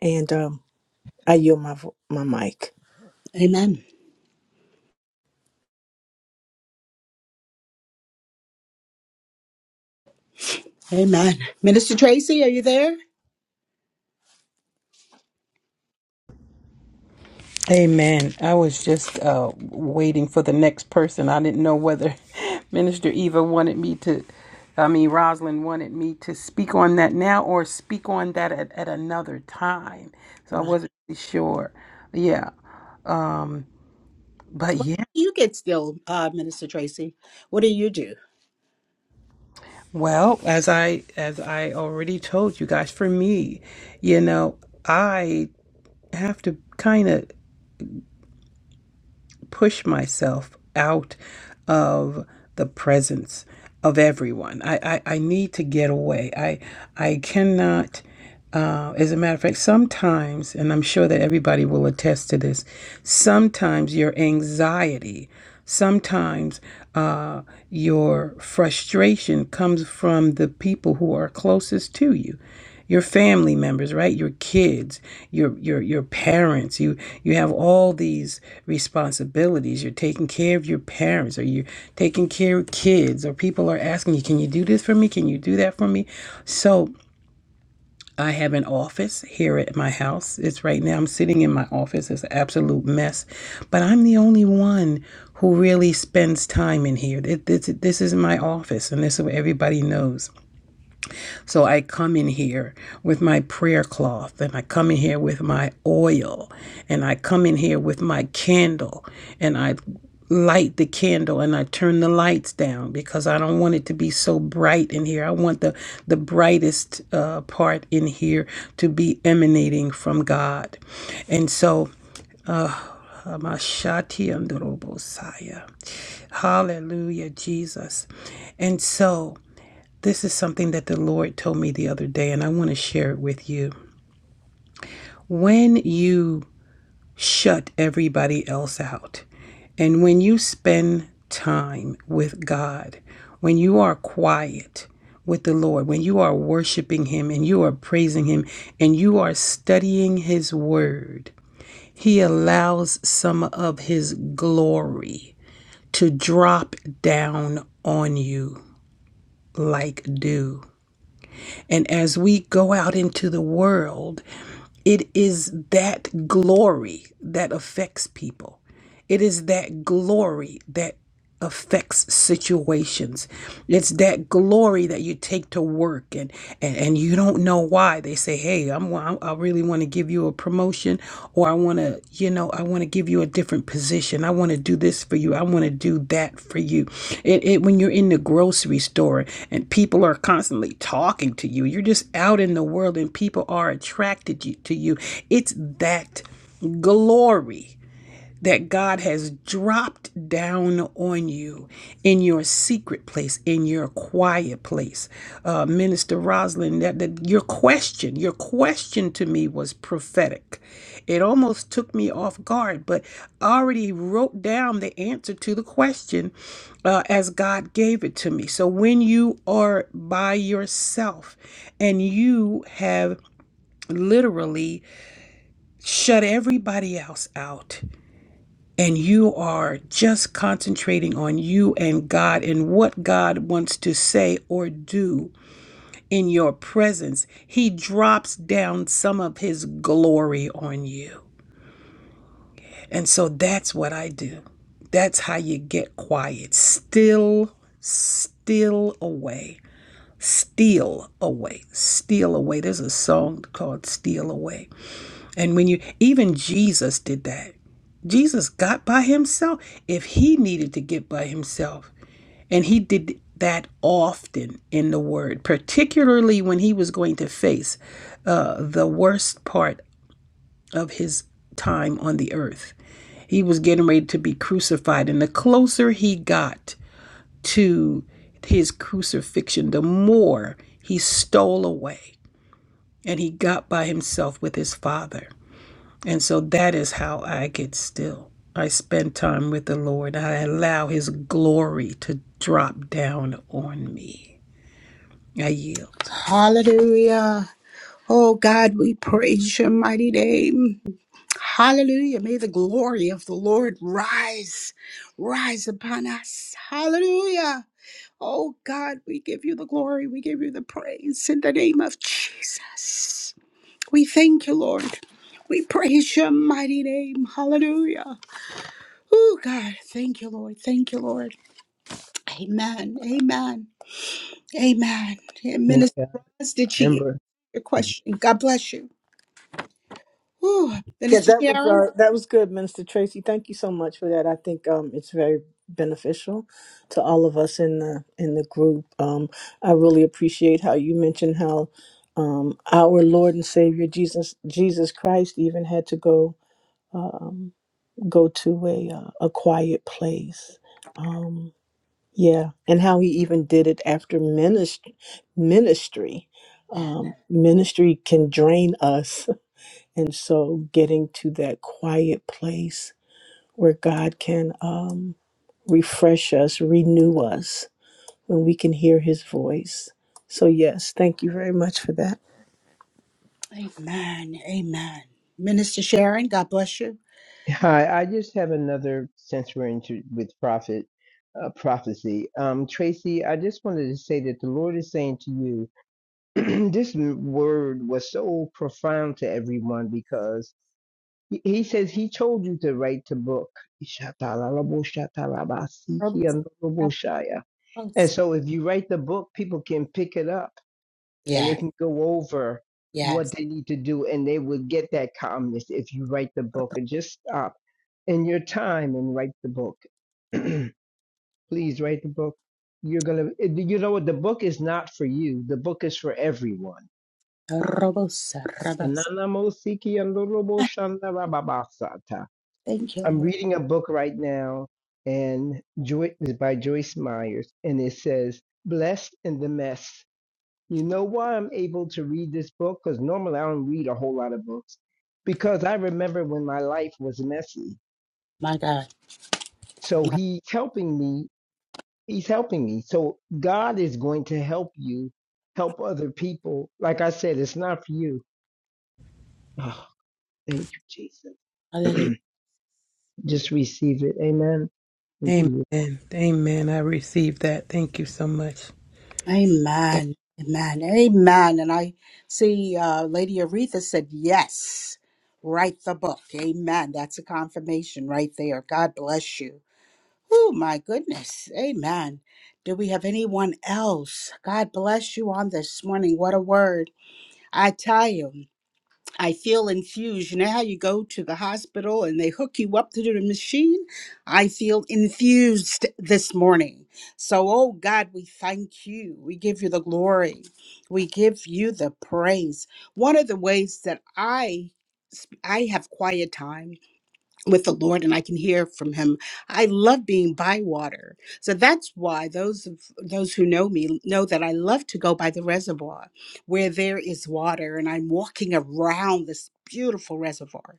And um, I yield my, vo- my mic.
Amen. Amen. Minister Tracy, are you there?
Amen. I was just uh, waiting for the next person. I didn't know whether [LAUGHS] Minister Eva wanted me to, I mean, Rosalind wanted me to speak on that now or speak on that at, at another time. So I
Right.
wasn't really sure. Yeah. Um, but yeah.
You get still, uh, Minister Tracy. What do you do?
Well, as I as I already told you guys, for me, you know, I have to kind of push myself out of the presence of everyone. I, I, I need to get away. I I cannot. Uh, as a matter of fact, sometimes, and I'm sure that everybody will attest to this, sometimes your anxiety, sometimes uh, your frustration comes from the people who are closest to you your family members right your kids your your your parents you you have all these responsibilities you're taking care of your parents or you're taking care of kids or people are asking you can you do this for me can you do that for me so I have an office here at my house. It's right now, I'm sitting in my office. It's an absolute mess, but I'm the only one who really spends time in here. Th- This, this is my office, and this is what everybody knows. So I come in here with my prayer cloth and I come in here with my oil and I come in here with my candle and I light the candle and I turn the lights down because I don't want it to be so bright in here. I want the the brightest uh, part in here to be emanating from God. And so um, Ashati hallelujah Jesus. And so this is something that the Lord told me the other day, and I want to share it with you. When you shut everybody else out, and when you spend time with God, when you are quiet with the Lord, when you are worshiping Him and you are praising Him and you are studying His Word, He allows some of His glory to drop down on you like dew. And as we go out into the world, it is that glory that affects people. It is that glory that affects situations. It's that glory that you take to work and and, and you don't know why they say, "Hey, I'm I really want to give you a promotion or I want to, you know, I want to give you a different position. I want to do this for you. I want to do that for you." It, it when you're in the grocery store and people are constantly talking to you. You're just out in the world and people are attracted you- to you. It's that glory that God has dropped down on you in your secret place, in your quiet place. Uh, Minister Rosalind, that, that your question, your question to me was prophetic. It almost took me off guard, but I already wrote down the answer to the question uh, as God gave it to me. So when you are by yourself and you have literally shut everybody else out, and you are just concentrating on you and God and what God wants to say or do in your presence, He drops down some of His glory on you. And so that's what I do. That's how you get quiet. Still, still away. Steal away. Steal away. There's a song called Steal Away. And when you, even Jesus did that. Jesus got by himself if he needed to get by himself. And he did that often in the word, particularly when he was going to face uh, the worst part of his time on the earth. He was getting ready to be crucified. And the closer he got to his crucifixion, the more he stole away and he got by himself with his father. And so that is how I get still. I spend time with the Lord. I allow His glory to drop down on me. I yield.
Hallelujah. Oh God, we praise your mighty name. Hallelujah. May the glory of the Lord rise, rise upon us. Hallelujah. Oh God, we give you the glory. We give you the praise in the name of Jesus. We thank you, Lord. We praise your mighty name. Hallelujah. Oh God, thank you, Lord. Thank you, Lord. Amen. Amen. Amen. And
Thank
Minister
God,
Ross, did she answer
Amber.
your question? God bless you. Whew.
Yeah,
Minister
that was
Sharon?
uh, that was good, Minister Tracy. Thank you so much for that. I think um, it's very beneficial to all of us in the in the group. Um, I really appreciate how you mentioned how um, our Lord and Savior Jesus Jesus Christ even had to go um, go to a uh, a quiet place. Um, yeah, and how he even did it after ministry. Ministry,
Yes.
um, ministry can drain us and so getting to that quiet place where God can um, refresh us, renew us, when we can hear his voice. So, yes, thank you very much for that.
Amen. Amen. Minister Sharon, God bless you.
Hi, I just have another sensory into with prophet uh, prophecy. Um, Tracy, I just wanted to say that the Lord is saying to you, [CLEARS THROAT] this word was so profound to everyone because. He he says he told you to write the book.
Robosa,
Ishatalalaboshatalarabasikiandoloboshaya. And
Robosa.
so if you write the book, people can pick it up and they
Yeah,
can go over what
yes.
they need to do and they will get that calmness if you write the book and just stop in your time and write the book. [CLEARS THROAT] Please write the book. You're gonna you know what the book is not for you. The book is for everyone.
Robosa,
And
Robosa. Thank you,
I'm
Lord.
reading a book right now, and Joy, it's by Joyce Myers, and it says "Blessed in the Mess." You know why I'm able to read this book? Because normally I don't read a whole lot of books, because I remember when my life was messy.
My God.
So he's helping me. He's helping me. So God is going to help you help other people. Like I said, it's not for you. Oh, thank you,
Hallelujah.
Jesus. [CLEARS THROAT] Just receive it. Amen. Thank
Amen.
you.
Amen. I receive that. Thank you so much.
Amen. Amen. Amen. And I see uh, Lady Aretha said, yes, write the book. Amen. That's a confirmation right there. God bless you. Oh, my goodness. Amen. Do we have anyone else? God bless you on this morning. What a word. I tell you. I feel infused. You know how you go to the hospital and they hook you up to the machine? I feel infused this morning. So, oh God, we thank you. We give you the glory. We give you the praise. One of the ways that I I have quiet time with the Lord and I can hear from him. I love being by water. So that's why those of those who know me know that I love to go by the reservoir where there is water and I'm walking around this beautiful reservoir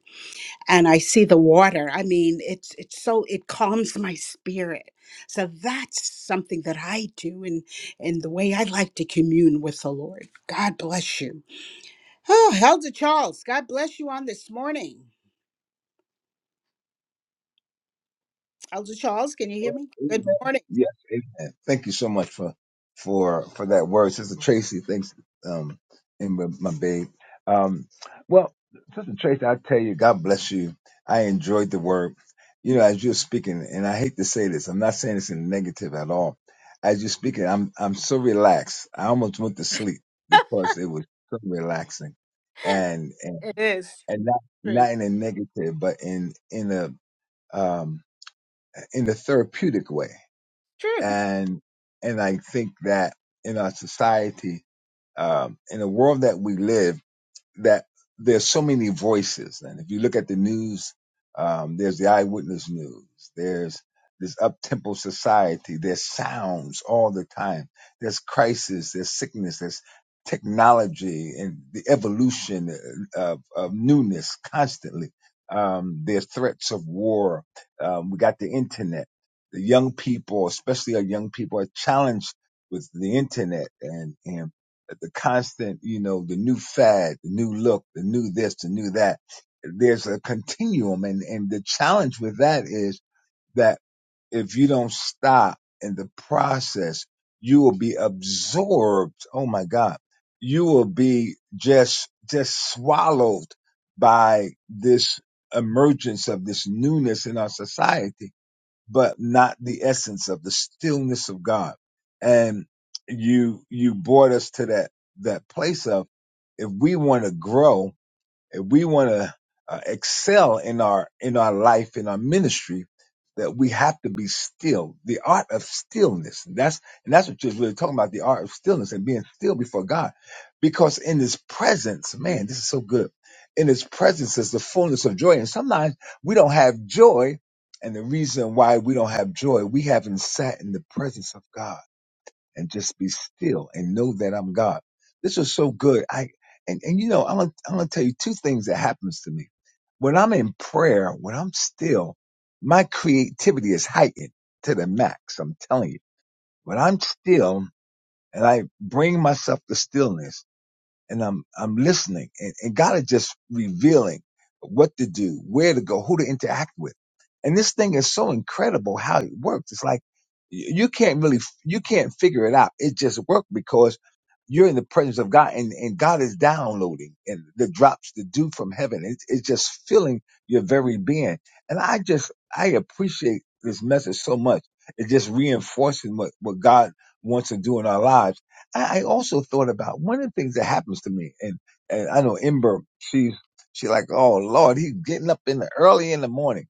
and I see the water. I mean, it's it's so it calms my spirit. So that's something that I do and and the way I like to commune with the Lord. God bless you. Oh, Elder Charles, God bless you on this morning. Elder Charles, can you hear
Well,
me? Good
Amen.
morning.
Yes, amen. Thank you so much for for for that word, Sister Tracy. Thanks, um, and my my babe. Um, well, Sister Tracy, I tell you, God bless you. I enjoyed the word. You know, as you're speaking, and I hate to say this, I'm not saying this in negative at all. As you're speaking, I'm I'm so relaxed. I almost went to sleep because it was so relaxing, and and
Yes.
and not
True.
not in a negative, but in in a um in a therapeutic way
True.
and and I think that in our society, um, in the world that we live that there's so many voices. And if you look at the news, um, there's the eyewitness news. There's this up-tempo society. There's sounds all the time. There's crisis. There's sickness. There's technology and the evolution uh, of, of newness constantly. Um, there's threats of war. Um, we got the internet. The young people, especially our young people, are challenged with the internet and, and the constant, you know, the new fad, the new look, the new this, the new that. There's a continuum. And, and the challenge with that is that if you don't stop in the process, you will be absorbed. Oh my God. You will be just, just swallowed by this emergence of this newness in our society but not the essence of the stillness of God. And you you brought us to that that place of if we want to grow if we want to uh, excel in our in our life in our ministry that we have to be still the art of stillness and that's and that's what you're really talking about the art of stillness and being still before god because in his presence man this is so good in his presence is the fullness of joy and sometimes we don't have joy and the reason why we don't have joy we haven't sat in the presence of god and just be still and know that I'm God. This was so good. I and and you know I'm gonna, I'm gonna tell you two things that happens to me when I'm in prayer. When I'm still, my creativity is heightened to the max. I'm telling you. When I'm still and I bring myself to stillness and I'm I'm listening, and, and God is just revealing what to do, where to go, who to interact with. And this thing is so incredible how it works. It's like y- you can't really you can't figure it out. It just works because you're in the presence of God, and, and God is downloading and the drops, the dew from heaven. It's, it's just filling your very being. And I just I appreciate this message so much. It just reinforces what, what God wants to do in our lives I, I also thought about one of the things that happens to me, and, and I know Ember, she's she like, oh Lord, he's getting up in the early in the morning.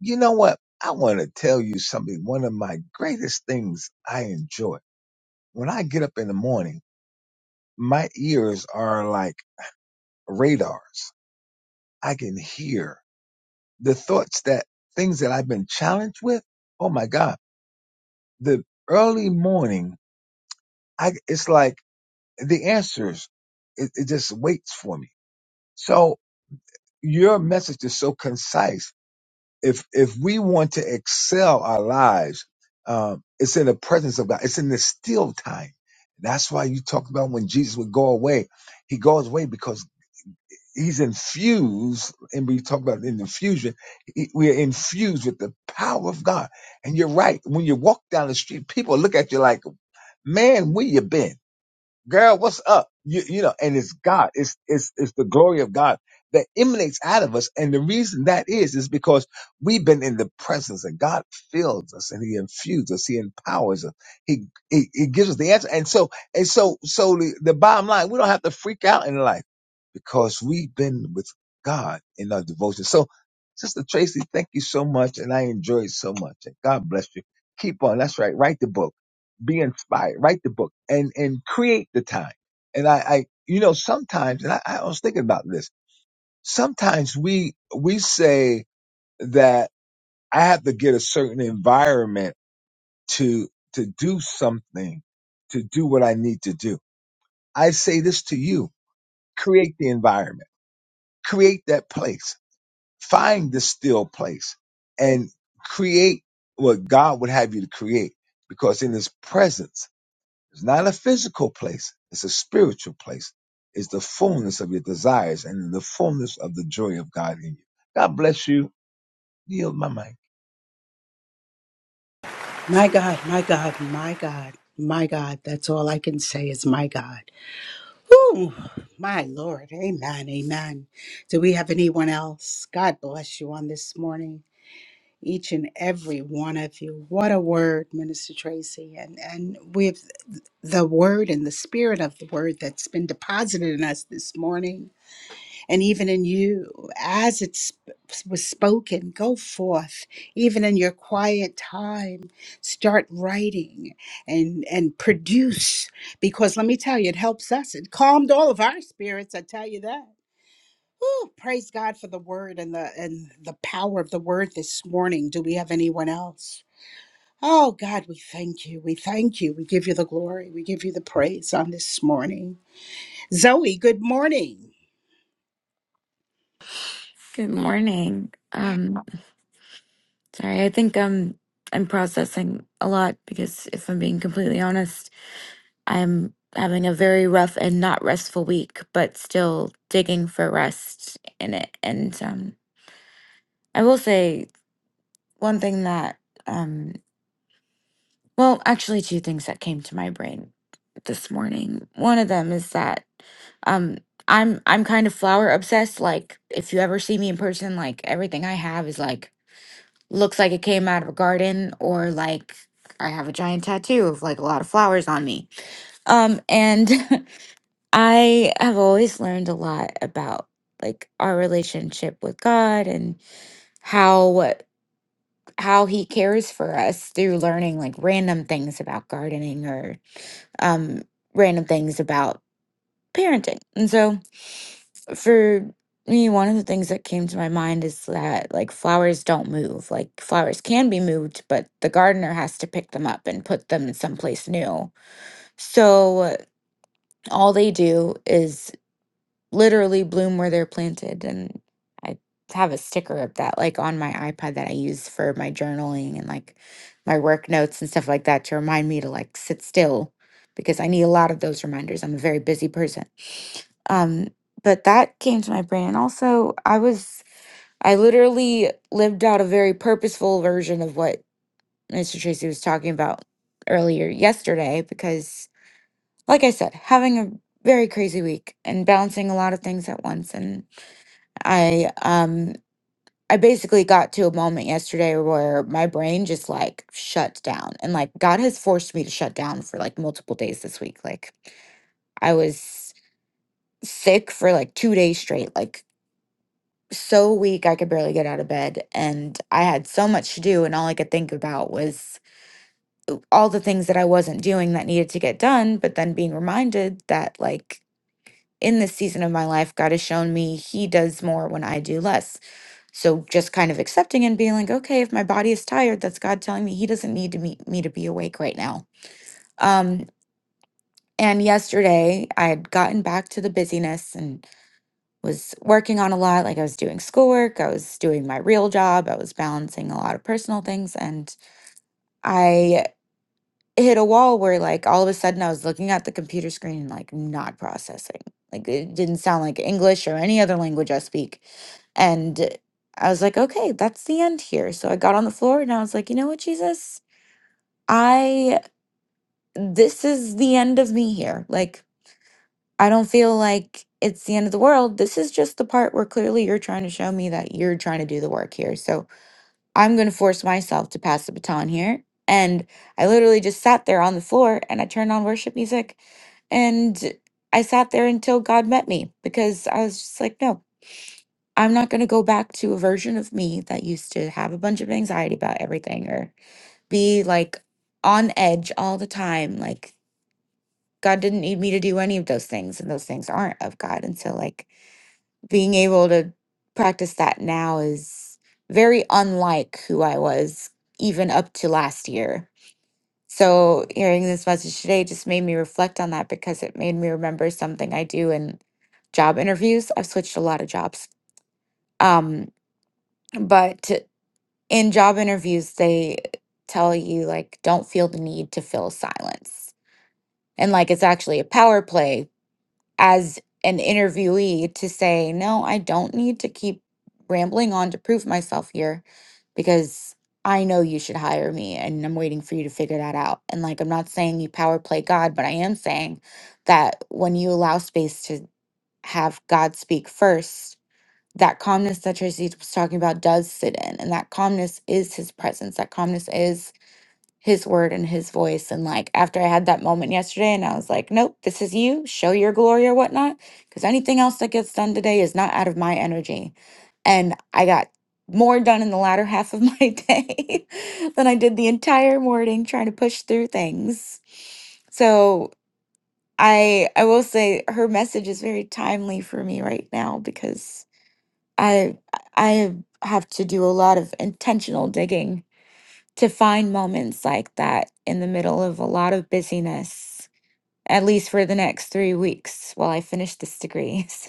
You know what? I want to tell you something. One of my greatest things I enjoy when I get up in the morning, my ears are like radars. I can hear the thoughts that things that I've been challenged with. Oh my God, the early morning, I it's like the answers. It, it just waits for me. So your message is so concise. If if we want to excel our lives, um, it's in the presence of God. It's in the still time. That's why you talk about when Jesus would go away. He goes away because he's infused, and we talk about in infusion. he- We are infused with the power of God. And you're right. When you walk down the street, people look at you like, "Man, where you been?" girl, what's up? You, you know, and it's God. It's, it's, it's the glory of God that emanates out of us. And the reason that is, is because we've been in the presence and God fills us and he infuses us. He empowers us. He, he, he gives us the answer. And so, and so, so the, the bottom line, we don't have to freak out in life because we've been with God in our devotion. So Sister Tracy, thank you so much. And I enjoyed so much. And God bless you. Keep on. That's right. Write the book be inspired, write the book and, and create the time. And I, I, you know, sometimes, and I, I was thinking about this, sometimes we, we say that I have to get a certain environment to, to do something, to do what I need to do. I say this to you, create the environment, create that place, find the still place and create what God would have you to create because in his presence, It's not a physical place, it's a spiritual place. It's the fullness of your desires and the fullness of the joy of God in you. God bless you. Yield my mic.
My God, my God, my God, my God. That's all I can say is my God. Ooh, my Lord. Amen. Amen. Do we have anyone else? God bless you on this morning. Each and every one of you. What a word, Minister Tracy. And and with the word and the spirit of the word that's been deposited in us this morning. and even in you as it sp- was spoken go forth even in your quiet time start writing and and produce because let me tell you it helps us it calmed all of our spirits i tell you that Whew, praise god for the word and the and the power of the word this morning do we have anyone else Oh God, we thank you. We thank you. We give you the glory. We give you the praise on this morning. Zoe, good morning.
Good morning. Um, sorry, I think um I'm processing a lot because if I'm being completely honest, I'm having a very rough and not restful week, but still digging for rest in it. And um, I will say one thing that um, well, actually two things that came to my brain this morning. One of them is that um I'm I'm kind of flower obsessed. Like if you ever see me in person, like everything I have is like looks like it came out of a garden or like I have a giant tattoo of like a lot of flowers on me. Um and [LAUGHS] I have always learned a lot about like our relationship with God and how how he cares for us through learning like random things about gardening or um random things about parenting. And so for me, one of the things that came to my mind is that like flowers don't move. Like flowers can be moved, but the gardener has to pick them up and put them someplace new. So all they do is literally bloom where they're planted. And I have a sticker of that like on my iPad that I use for my journaling and like my work notes and stuff like that to remind me to like sit still because I need a lot of those reminders. I'm a very busy person. Um, but that came to my brain. And also, I was, I literally lived out a very purposeful version of what Mr. Tracy was talking about earlier yesterday because like I said, having a very crazy week and balancing a lot of things at once. And I, um, I basically got to a moment yesterday where my brain just like shut down. And like God has forced me to shut down for like multiple days this week. Like I was sick for like two days straight, like so weak I could barely get out of bed. And I had so much to do. And all I could think about was all the things that I wasn't doing that needed to get done. But then being reminded that like in this season of my life, God has shown me He does more when I do less. So just kind of accepting and being like, okay, if my body is tired, that's God telling me He doesn't need to meet me to be awake right now. Um, and yesterday, I had gotten back to the busyness and was working on a lot. Like I was doing schoolwork, I was doing my real job, I was balancing a lot of personal things, and I it hit a wall where like all of a sudden I was looking at the computer screen and like not processing. Like it didn't sound like English or any other language I speak. And I was like, okay, that's the end here. So I got on the floor and I was like, you know what, Jesus? I, this is the end of me here. Like, I don't feel like it's the end of the world. This is just the part where clearly you're trying to show me that you're trying to do the work here. So I'm going to force myself to pass the baton here. And I literally just sat there on the floor and I turned on worship music and I sat there until God met me because I was just like, no, I'm not going to go back to a version of me that used to have a bunch of anxiety about everything or be like on edge all the time. Like, God didn't need me to do any of those things, and those things aren't of God. And so, like, being able to practice that now is very unlike who I was even up to last year. So hearing this message today just made me reflect on that because it made me remember something I do in job interviews. I've switched a lot of jobs. Um, but in job interviews, they tell you like don't feel the need to fill silence. And like it's actually a power play as an interviewee to say, no, I don't need to keep rambling on to prove myself here because I know you should hire me and I'm waiting for you to figure that out. And like, I'm not saying you power play God, but I am saying that when you allow space to have God speak first, that calmness that Tracy was talking about does sit in, and that calmness is his presence. That calmness is his word and his voice. And like after I had that moment yesterday and I was like, nope, this is you, show your glory or whatnot. Because anything else that gets done today is not out of my energy. And I got more done in the latter [LAUGHS] half of my [LAUGHS] day than I did the entire morning trying to push through things. So I I will say her message is very timely for me right now because I I have to do a lot of intentional digging to find moments like that in the middle of a lot of busyness, at least for the next three weeks while I finish this degree. [LAUGHS] So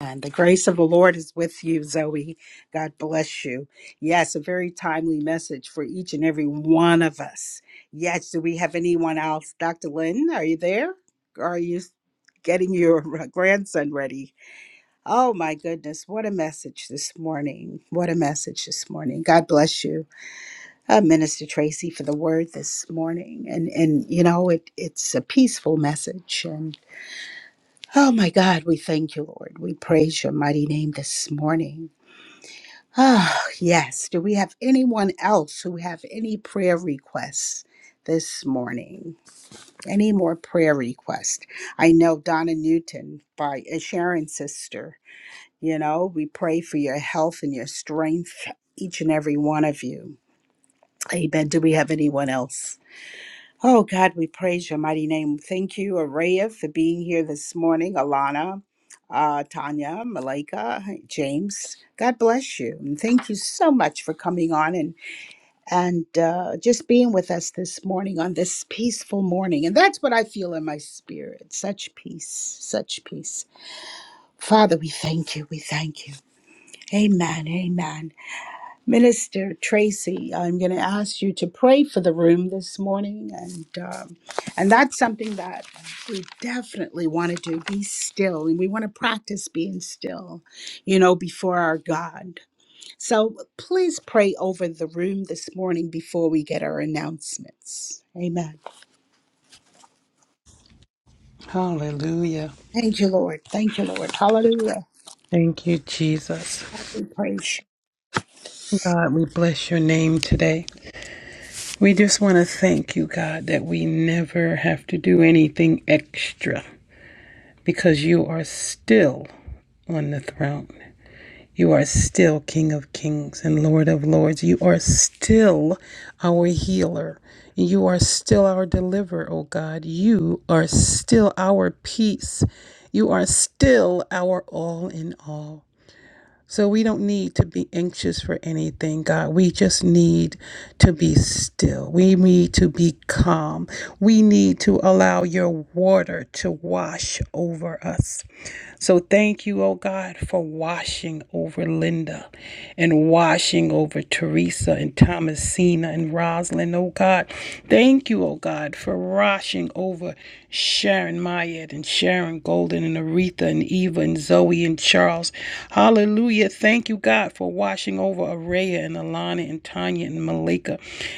And the grace of the Lord is with you, Zoe. God bless you. Yes, a very timely message for each and every one of us. Yes, do we have anyone else? Dr. Lynn, are you there? Are you getting your [LAUGHS] grandson ready? Oh, my goodness. What a message this morning. What a message this morning. God bless you, uh, Minister Tracy, for the word this morning. And, and you know, it, it's a peaceful message. And Oh my God, we thank you, Lord. We praise your mighty name this morning. Oh, yes. Do we have anyone else who have any prayer requests this morning? Any more prayer requests? I know Donna Newton by uh, Sharon's sister. You know, we pray for your health and your strength, each and every one of you. Amen. Do we have anyone else? Oh God, we praise your mighty name. Thank you, Araya, for being here this morning. Alana, uh, Tanya, Malika, James. God bless you. And thank you so much for coming on and and uh, just being with us this morning on this peaceful morning. And that's what I feel in my spirit such peace, such peace. Father, we thank you. We thank you. Amen. Amen. Minister Tracy, I'm going to ask you to pray for the room this morning. And, um, and that's something that we definitely want to do be still. And we want to practice being still, you know, before our God. So please pray over the room this morning before we get our announcements. Amen.
Hallelujah.
Thank you, Lord. Thank you, Lord. Hallelujah.
Thank you, Jesus.
Praise. you.
God, we bless your name today. We just want to thank you, God, that we never have to do anything extra because you are still on the throne. You are still King of Kings and Lord of Lords. You are still our healer. You are still our deliverer, O God. You are still our peace. You are still our all in all. So we don't need to be anxious for anything, God. We just need to be still. We need to be calm. We need to allow your water to wash over us. So thank you, oh God, for washing over Linda and washing over Teresa and Thomasina and Rosalind, oh God. Thank you, oh God, for washing over Sharon Mayette and Sharon Golden and Aretha and Eva and Zoe and Charles. Hallelujah. Thank you, God, for washing over Araya and Alana and Tanya and Malika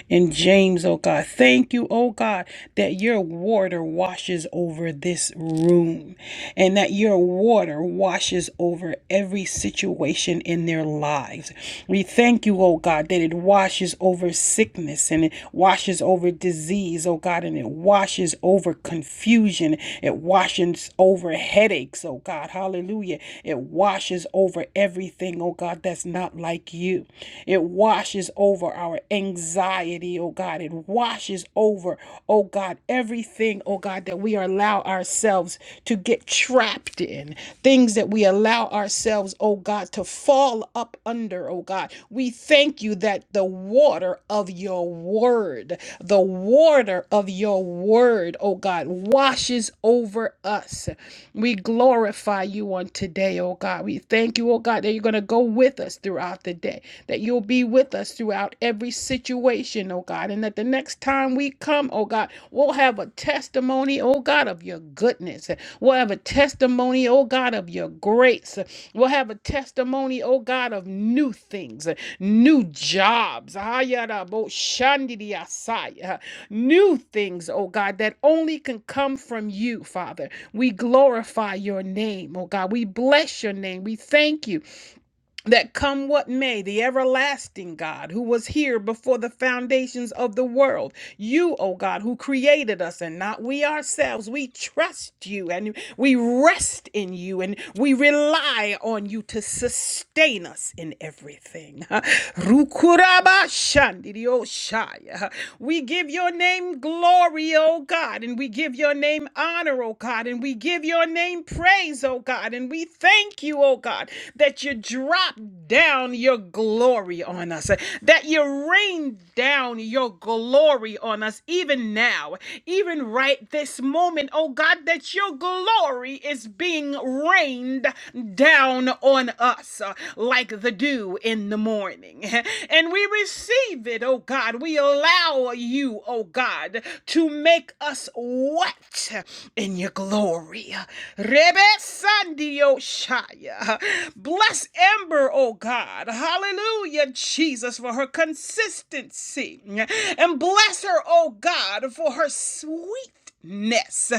and James, oh God. Thank you, oh God, that your water washes over this room and that that your water washes over every situation in their lives. We thank you, oh God, that it washes over sickness and it washes over disease, oh God, and it washes over confusion. It washes over headaches, oh God. Hallelujah. It washes over everything, oh God, that's not like you. It washes over our anxiety, oh God. It washes over, oh God, everything, oh God, that we allow ourselves to get get trapped in, things that we allow ourselves, oh God, to fall up under, oh God. We thank you that the water of your word, the water of your word, oh God, washes over us. We glorify you on today, oh God. We thank you, oh God, that you're going to go with us throughout the day, that you'll be with us throughout every situation, oh God, and that the next time we come, oh God, we'll have a testimony, oh God, of your goodness. We'll have a testimony, oh God, of your grace. We'll have a testimony, oh God, of new things, new jobs. Ayarabo shandidiasai, uh, New things, oh God, that only can come from you, Father. We glorify your name, oh God. We bless your name. We thank you that come what may, the everlasting God who was here before the foundations of the world, you, O God, who created us and not we ourselves, we trust you and we rest in you and we rely on you to sustain us in everything. [LAUGHS] Rukuraba shandirio shaya. We give your name glory, O God, and we give your name honor, O God, and we give your name praise, O God, and we thank you, O God, that you drop down your glory on us, that you rain down your glory on us, even now, even right this moment, oh God, that your glory is being rained down on us uh, like the dew in the morning. [LAUGHS] And we receive it, oh God. We allow you, oh God, to make us wet in your glory. Rebe Sandio Bless Amber, oh God. Hallelujah, Jesus, for her consistency. And bless her, oh God, for her sweetness.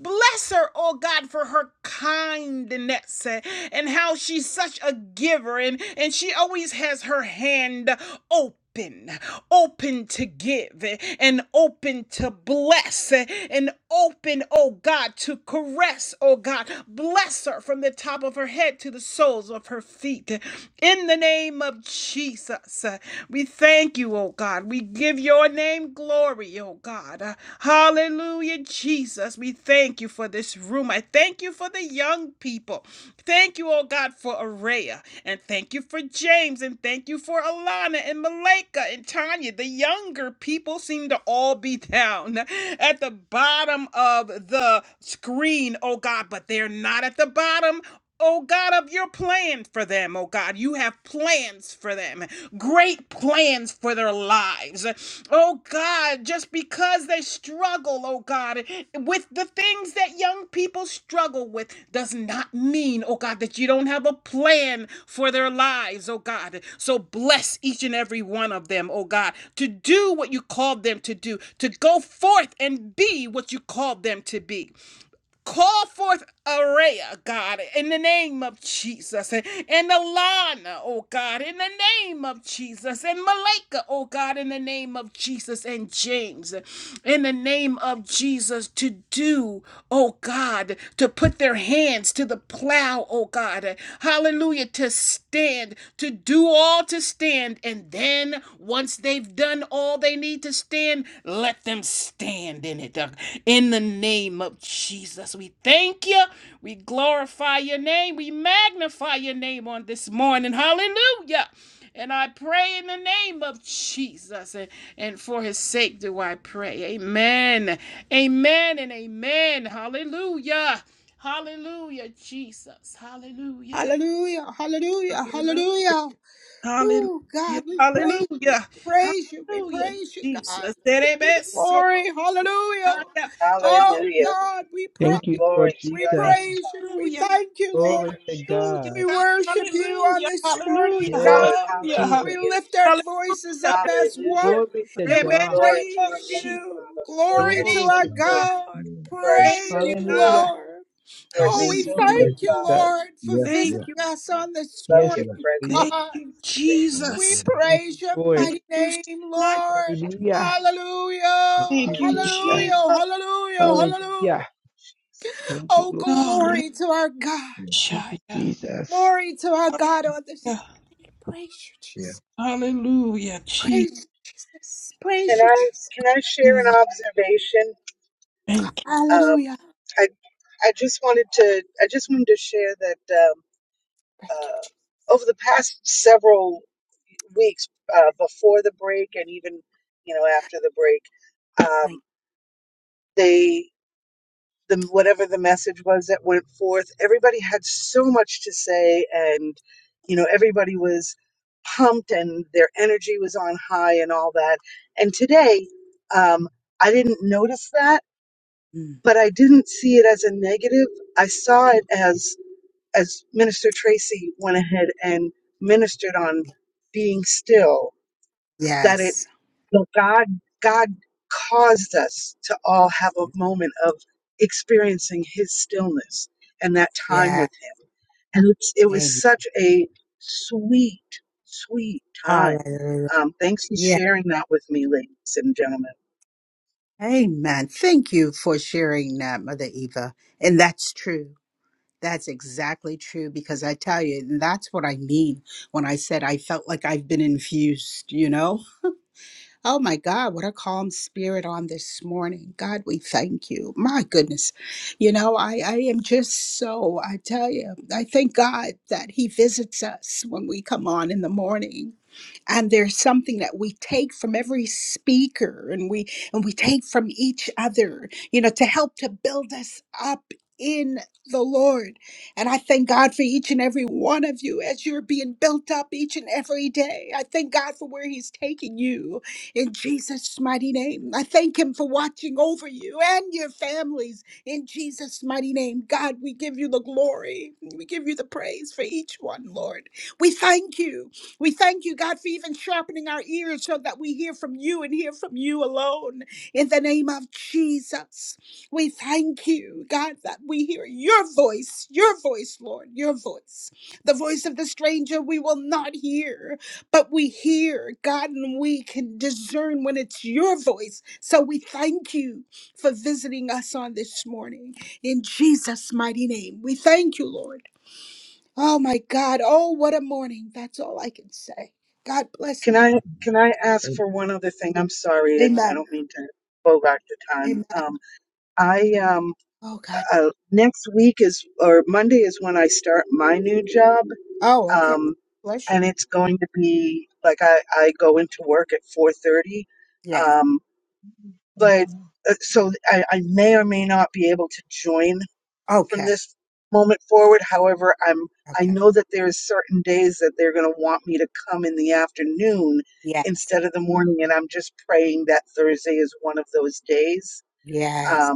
Bless her, oh God, for her kindness uh, and how she's such a giver and, and she always has her hand open, open open to give and open to bless and open, oh God, to caress, oh God. Bless her from the top of her head to the soles of her feet. In the name of Jesus, uh, we thank you, oh God. We give your name glory, oh God. Uh, Hallelujah, Jesus. We thank you for this room. I thank you for the young people. Thank you, oh God. God for Araya. And thank you for James. And thank you for Alana and Malika and Tanya. The younger people seem to all be down at the bottom of the screen, oh God, but they're not at the bottom. Oh God, of your plan for them, oh God. You have plans for them, great plans for their lives lives. Oh God, just because they struggle, oh God, with the things that young people struggle with does not mean, oh God, that you don't have a plan for their lives, oh God. So bless each and every one of them, oh God, to do what you called them to do, to go forth and be what you called them to be. Call forth Araya, God, in the name of Jesus, and Alana, oh God, in the name of Jesus, and Malika, oh God, in the name of Jesus, and James, in the name of Jesus, to do, oh God, to put their hands to the plow, oh God, hallelujah, to stand, to do all to stand, and then once they've done all they need to stand, let them stand in it. In the name of Jesus, we thank you. We glorify your name. We magnify your name on this morning. Hallelujah. And I pray in the name of Jesus. And, and for his sake do I pray. Amen. Amen and amen. Hallelujah. Hallelujah, Jesus. Hallelujah.
Hallelujah. Hallelujah.
Hallelujah.
Hallelujah. Oh,
Hallelujah.
God, we praise,
Hallelujah.
praise you. We
Hallelujah,
praise you, God.
Jesus.
We give you the
Terebeso.
glory. Hallelujah.
Hallelujah.
Oh,
Hallelujah.
God, we praise
Thank
you.
you,
Glory
Lord
to
We
your
Jesus.
name.
praise you. We
Hallelujah,
thank you,
Thank
Glory
you,
Lord.
to
hallelujah,
Jesus.
We
God.
God,
worship you on
hallelujah,
this
Thank
hallelujah,
you,
morning,
Yes,
Lord.
God.
Lord
hallelujah, ha-
We
Jesus.
Hallelujah.
lift our voices up
hallelujah.
as one
Hallelujah.
Glory to
and we
God.
Rebendi
Glory to your
praise
name,
Oshi.
you.
Father. Lord,
Glory
you're
to
Thank
Glory
so
you,
our
to
Yes,
good.
God.
Jesus.
God.
You are
Thank
Praise
so
you,
you,
good.
God.
Hallelujah.
Lord.
You are
Oh,
Thank
we
Thank
you,
so
you, Lord.
good,
Lord
yes,
thank you,
Father.
Jesus.
Lord,
yes,
for
yes, yes,
visiting
Thank
yes,
you.
us on this
Love
Yes,
your
morning,
yes,
presence,
Thank
God.
Jesus.
you,
Lord.
We
Jesus.
praise your
Lord. Yes,
Thank
mighty
you so
name,
much.
thank
Lord.
you, Lord. Hallelujah. Thank
Hallelujah.
Thank
you,
you, Jesus.
Hallelujah.
Jesus.
Hallelujah. Hallelujah.
Hallelujah. Thank you,
Oh,
Lord.
Oh,
glory to our God.
yes,
Thank
Rishaya.
you, Jesus.
Glory to our God on this
Hallelujah.
morning. Praise you,
yes,
Jesus.
Hallelujah, Jesus.
Praise you, Jesus.
Hallelujah. Can
Praise you,
I
Jesus.
can I share an observation?
Thank
Um,
Hallelujah.
I I just wanted to I just wanted to share that um,
Thank you, Jesus.
uh, over the past several weeks, uh, before the break and even you know after the break,
Thank
um, they the whatever the message was that went forth. Everybody had so much to say, and you know, everybody was pumped, and their energy was on high, and all that. And today, um, I didn't notice that,
you. Mm.
but I didn't see it as a negative. I saw it as as Minister Tracy went ahead and ministered on being still. That it,
Yes.
that God caused us to all have a moment of experiencing his stillness and that time
Yeah.
with him. And it's, it was
Amen.
such a sweet, sweet time.
Hallelujah.
Um, thanks for
Yeah.
sharing that with me, ladies and gentlemen.
Amen. Thank you for sharing that, Mother Eva. And that's true. That's exactly true because I tell you, and that's what I mean when I said I felt like I've been infused, you know? Oh my God, what a calm spirit on this morning. God, we thank you. My goodness. You know, I, I am just so, I tell you, I thank God that He visits us when we come on in the morning and there's something that we take from every speaker and we and we take from each other you know to help to build us up in the lord and i thank god for each and every one of you as you're being built up each and every day i thank god for where he's taking you in jesus mighty name i thank him for watching over you and your families in jesus mighty name god we give you the glory we give you the praise for each one lord we thank you we thank you, God, for even sharpening our ears so that we hear from you and hear from you alone. In the name of Jesus, we thank you, God, that we hear your voice, your voice, Lord, your voice. The voice of the stranger we will not hear, but we hear, God, and we can discern when it's your voice. So we thank you for visiting us on this morning. In Jesus' mighty name, we thank you, Lord. Oh my God. Oh, what a morning. That's all I can say. God bless
Can
you.
I
yes.
can I ask
And
for one other thing? I'm sorry, I, I
Amen.
don't mean to bogart the time.
Amen.
Um, I um,
Oh, God.
uh, next week is or Monday is when I start my new job
Oh, okay.
um,
Bless you.
and it's going to be like I, I go into work at 4.30
Yes.
um, but uh, so I, I may or may not be able to join from
Okay.
this moment forward however i'm i
Okay.
know that there's certain days that they're going to want me to come in the afternoon
Yes.
instead of the morning and i'm just praying that thursday is one of those days um, i
Yes.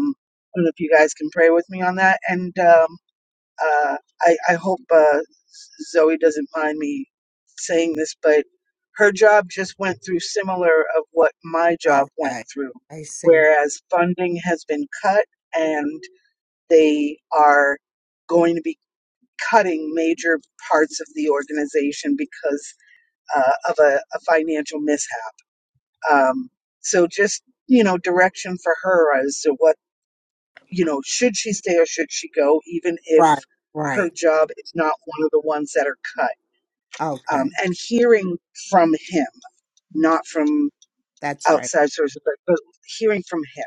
don't know if you guys can pray with me on that and um, uh, I, I hope uh, Zoe doesn't mind me saying this, but her job just went through similar of what my job went
Okay.
through,
I see.
whereas funding has been cut and they are going to be cutting major parts of the organization because uh, of a, a financial mishap. Um, so just you know direction for her as to what you know, should she stay or should she go, even if
Right.
her
Right.
job is not one of the ones that are cut? Um,
Okay.
and hearing from him, not from
That's right.
outside sources, but, but hearing from him.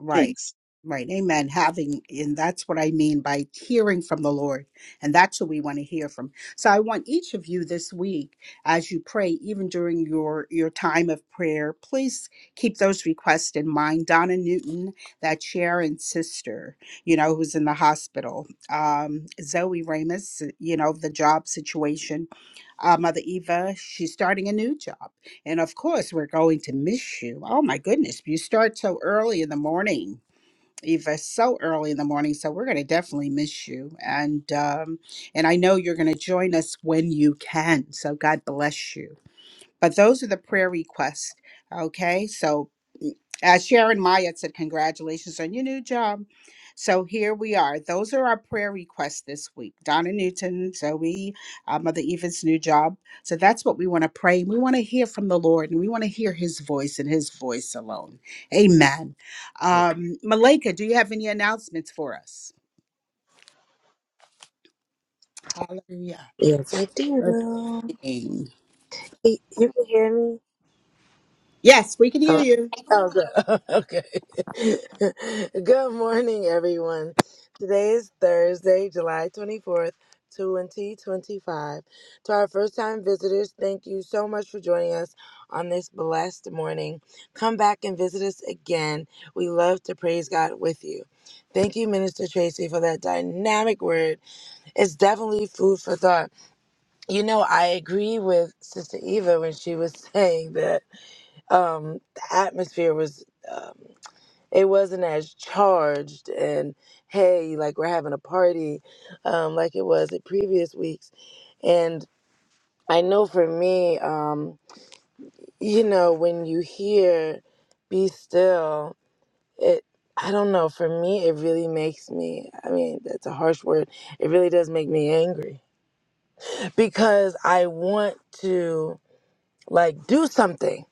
Right.
Thanks.
Right. Amen. Having, and that's what I mean by hearing from the Lord. And that's what we want to hear from. So I want each of you this week, as you pray, even during your, your time of prayer, please keep those requests in mind. Donna Newton, that Sharon's sister, you know, who's in the hospital. Um, Zoe Ramus, you know, the job situation. Uh, Mother Eva, she's starting a new job. And of course, we're going to miss you. Oh my goodness, you start so early in the morning, Eva, so early in the morning. So we're going to definitely miss you. And um, and I know you're going to join us when you can. So God bless you. But those are the prayer requests. Okay. So, mm, as Sharon Maya said, congratulations on your new job. So here we are. Those are our prayer requests this week. Donna Newton, Zoe, uh, Mother Eva's new job. So that's what we want to pray. We want to hear from the Lord and we want to hear his voice and his voice alone. Amen.
Babe,
Um, Malika, do you have any announcements for us? Hallelujah.
Yes, I do.
Amen.
Y- You can hear me?
Yes, we can hear
Hello?
you.
Oh, good. [LAUGHS] okay. [LAUGHS] good morning, everyone. Today is Thursday, July 24th, 2025. To our first time visitors, thank you so much for joining us on this blessed morning. Come back and visit us again. We love to praise God with you. Thank you, Minister Tracy, for that dynamic word. It's definitely food for thought. You know, I agree with Sister Eva when she was [LAUGHS] saying that um, the atmosphere was, um, it wasn't as charged and hey, like we're having a party um, like it was at previous weeks. And I know for me, um, you know, when you hear be still, it, I don't know, for me, it really makes me, I mean, that's a harsh word. It really does make me angry because I want to like do something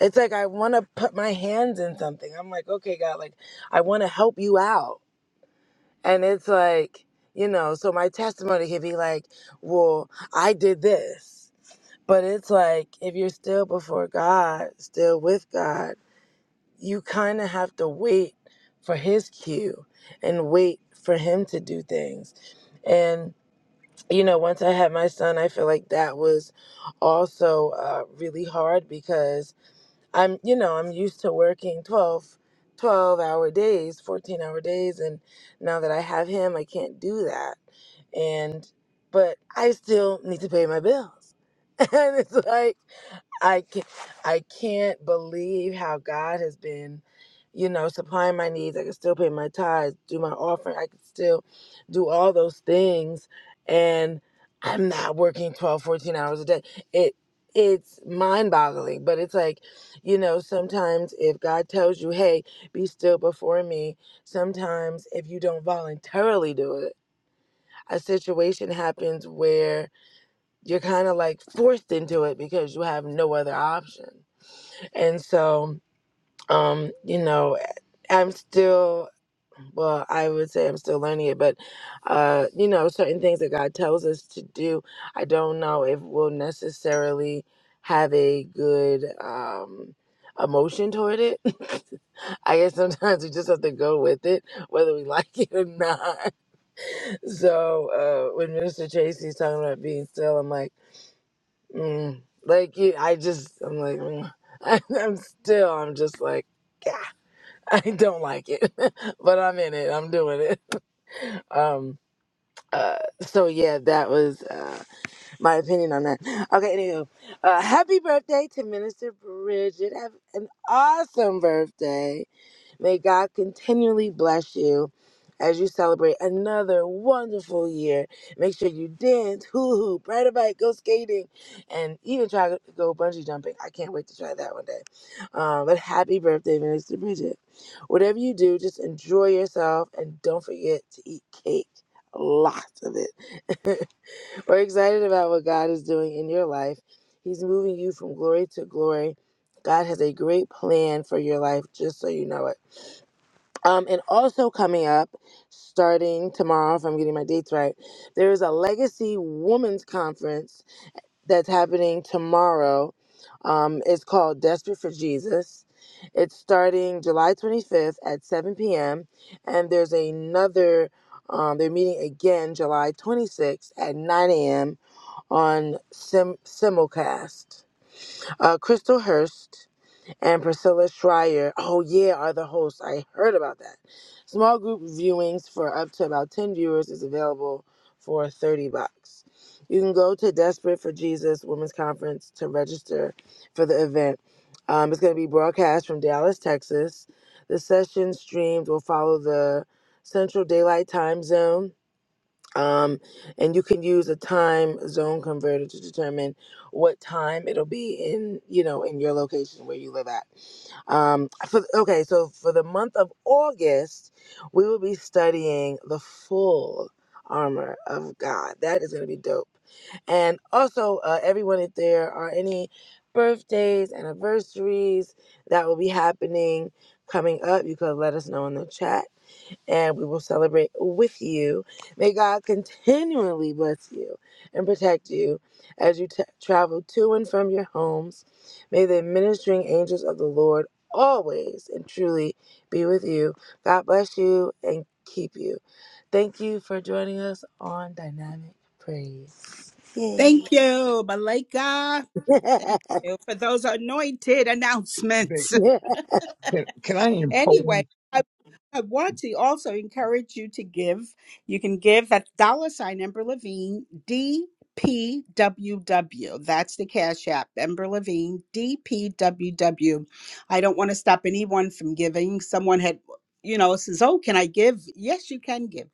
It's like I want to put my hands in something. I'm like, okay, God, like I want to help you out. And it's like, you know, so my testimony could be like, well, I did this. But it's like, if you're still before God, still with God, you kind of have to wait for His cue and wait for Him to do things. And, you know, once I had my son, I feel like that was also uh, really hard because I'm, you know, I'm used to working twelve, twelve hour days, 14 hour days. And now that I have him, I can't do that. And, but I still need to pay my bills. [LAUGHS] And it's like, I can't, I can't believe how God has been, you know, supplying my needs. I can still pay my tithes, do my offering. I can still do all those things. And I'm not working 12, 14 hours a day. It it's mind boggling, but it's like, you know, sometimes if God tells you, hey, be still before me, sometimes if you don't voluntarily do it, a situation happens where you're kind of like forced into it because you have no other option and so, um, you know, I'm still, well, I would say I'm still learning it, but, uh, you know, certain things that God tells us to do, I don't know if we'll necessarily have a good um, emotion toward it. [LAUGHS] I guess sometimes we just have to go with it, whether we [LAUGHS] like it or not. [LAUGHS] So uh, when Minister Tracy's talking about being still, I'm like, Mm, like you, I just, I'm like, mm. [LAUGHS] I, I'm still, I'm just like, yeah, [LAUGHS] I don't like it, [LAUGHS] but I'm in it. I'm doing it. [LAUGHS] Um, uh, so yeah, that was uh, my opinion on that. Okay, anywho, uh, happy birthday to Minister Bridget. Have an awesome birthday. May God continually bless you as you celebrate another wonderful year. Make sure you dance, hoo hoo, ride a bike, go skating, and even try to go bungee jumping. I can't wait to try that one day. Um, but happy birthday, Minister Bridget. Whatever you do, just enjoy yourself and don't forget to eat cake. Lots of it. [LAUGHS] We're excited about what God is doing in your life. He's moving you from glory to glory. God has a great plan for your life, just so you know it. Um, and also coming up, starting tomorrow, if I'm getting my dates right, there is a Legacy Women's Conference that's happening tomorrow. Um, it's called Desperate for Jesus. It's starting July 25th at 7 p.m. And there's another, um, they're meeting again July 26th at 9 a.m. on Sim- Simulcast. Uh, Crystal Hurst and Priscilla Schreier. Oh yeah, are the hosts. I heard about that. Small group viewings for up to about 10 viewers is available for 30 bucks. You can go to Desperate for Jesus Women's Conference to register for the event. Um, it's going to be broadcast from Dallas, Texas. The session streams will follow the Central Daylight Time Zone um, and you can use a time zone converter to determine what time it'll be in you know in your location where you live at um, for, okay so for the month of august we will be studying the full armor of god that is going to be dope and also uh, everyone if there are any birthdays anniversaries that will be happening coming up you could let us know in the chat and we will celebrate with you. May God continually bless you and protect you as you t- travel to and from your homes. May the ministering angels of the Lord always and truly be with you. God bless you and keep you. Thank you for joining us on Dynamic Praise.
Thank
Yay.
you, Malika. Thank you for those anointed
babe,
announcements.
[LAUGHS]
can, can I impose,
Anyway, I, I want to also encourage you to give. You can give at dollar sign Ember Levine DPWW. That's the Cash App, Ember Levine D P W W. I don't want to stop anyone from giving. Someone had, you know, says, Oh, can I give? Yes, you can give.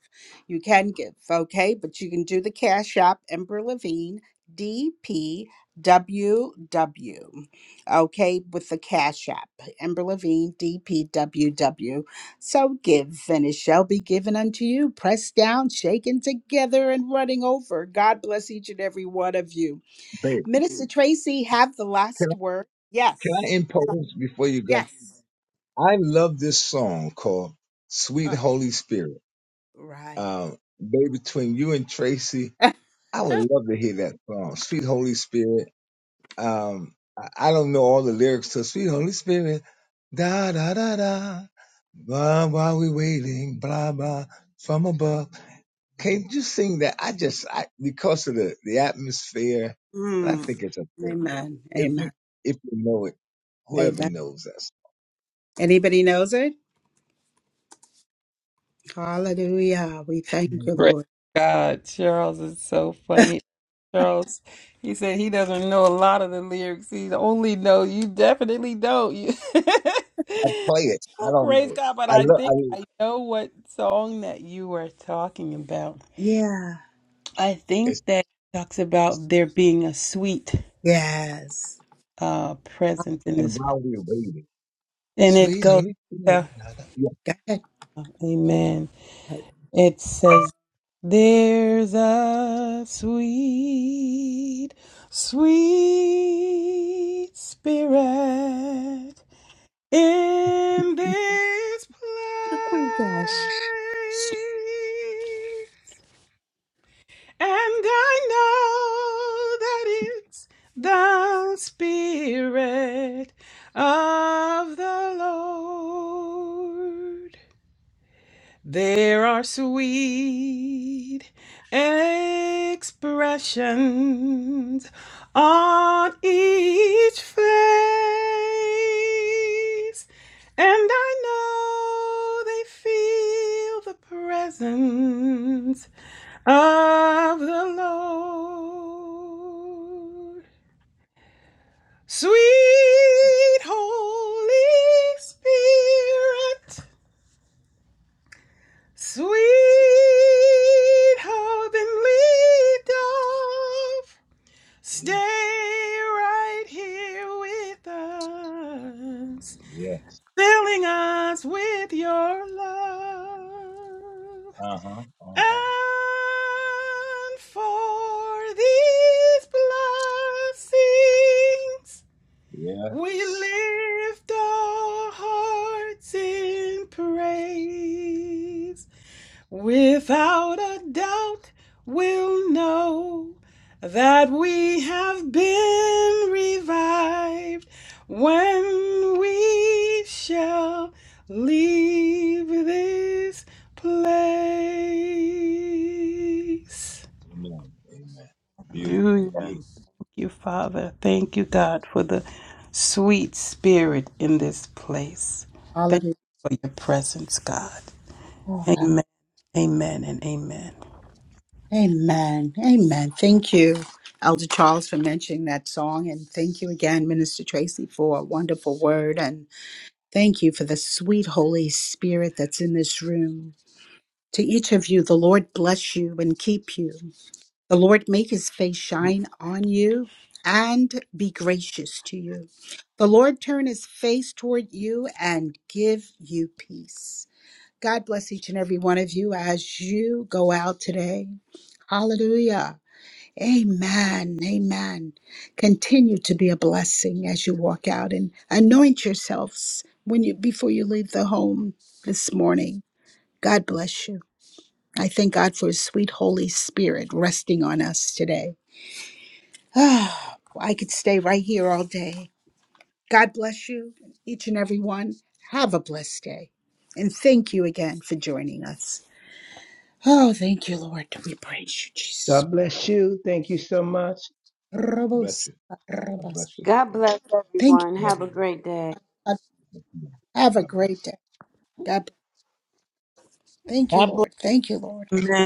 You can give, okay? But you can do the Cash App, Ember Levine DPWW, okay, with the Cash App. Amber Levine, DPWW. So give, and it shall be given unto you, pressed down, shaken together, and running over. God bless each and every one of you.
babe?
Minister Tracy, have the
Can
last
I,
word.
can
Yes,
I impose before you go?
yes.
I love this song called "Sweet
Uh,
Holy Spirit."
right.
Um, baby, between you and Tracy,
[LAUGHS]
I would love to hear that song, Sweet Holy Spirit. Um, I I don't know all the lyrics to Sweet Holy Spirit. Da da da da. Blah while we are waiting, blah blah from above. Can't you sing that? I just I, because of the the atmosphere, and I
Mm,
think it's a
amen,
if
amen,
you if you know it, whoever
amen.
knows us.
Anybody knows it? Hallelujah. We thank you,
Great
Lord.
God, Charles is so funny. Charles, he said he doesn't know a lot of the lyrics. He only know you definitely don't. You
I
[LAUGHS]
play it. I don't
praise
know it.
God, but
I
I
love. I
think
mean,
I know what song that you were talking about.
Yeah,
I
it's,
think that talks about there being a sweet
yes.
uh presence in
and
this,
while we're waiting,
and it
Sweet
goes.
Holy Spirit.
uh,
da, da. Yeah,
Go
Amen.
ahead.
It says. There's a sweet, sweet spirit in
[LAUGHS]
this place.
Oh gosh.
And I know that it's the spirit of the Lord. There are sweet expressions on each face, and I know they feel the presence of the Lord. Sweet Holy Spirit. Sweet heavenly dove, stay
yeah,
right here with us,
yeah.
filling us with your love.
Uh huh. Uh huh.
And for these blessings, we
Yes.
lift our hearts in praise. Without a doubt, we'll know that we have been revived when we shall leave this place.
Amen. Amen. Beautiful.
Hallelujah.
Beautiful.
Thank you, Father. Thank you, God, for the sweet spirit in this place. Thank you
Hallelujah.
for your presence, God. Amen, amen, and amen.
Amen. Amen. Thank you, Elder Charles, for mentioning that song. And thank you again, Minister Tracy, for a wonderful word. And thank you for the sweet Holy Spirit that's in this room. To each of you, the Lord bless you and keep you. The Lord make his face shine on you and be gracious to you. The Lord turn his face toward you and give you peace. God bless each and every one of you as you go out today. Hallelujah. Amen. Amen. Continue to be a blessing as you walk out and anoint yourselves when you before you leave the home this morning. God bless you. I thank God for his sweet Holy Spirit resting on us today. Ah, I could stay right here all day. God bless you, each and every one. Have a blessed day. And thank you again for joining us. Oh, thank you, Lord. We praise you, Jesus.
God bless you. Thank you so much.
Bless
Rabos,
you. God
rabos.
bless you
god bless
Thank
everyone
and
have a
everyone.
great day
you. Have a
God
great
bless.
day. God bless. Thank you, Lord. Thank you, Lord.
Amen.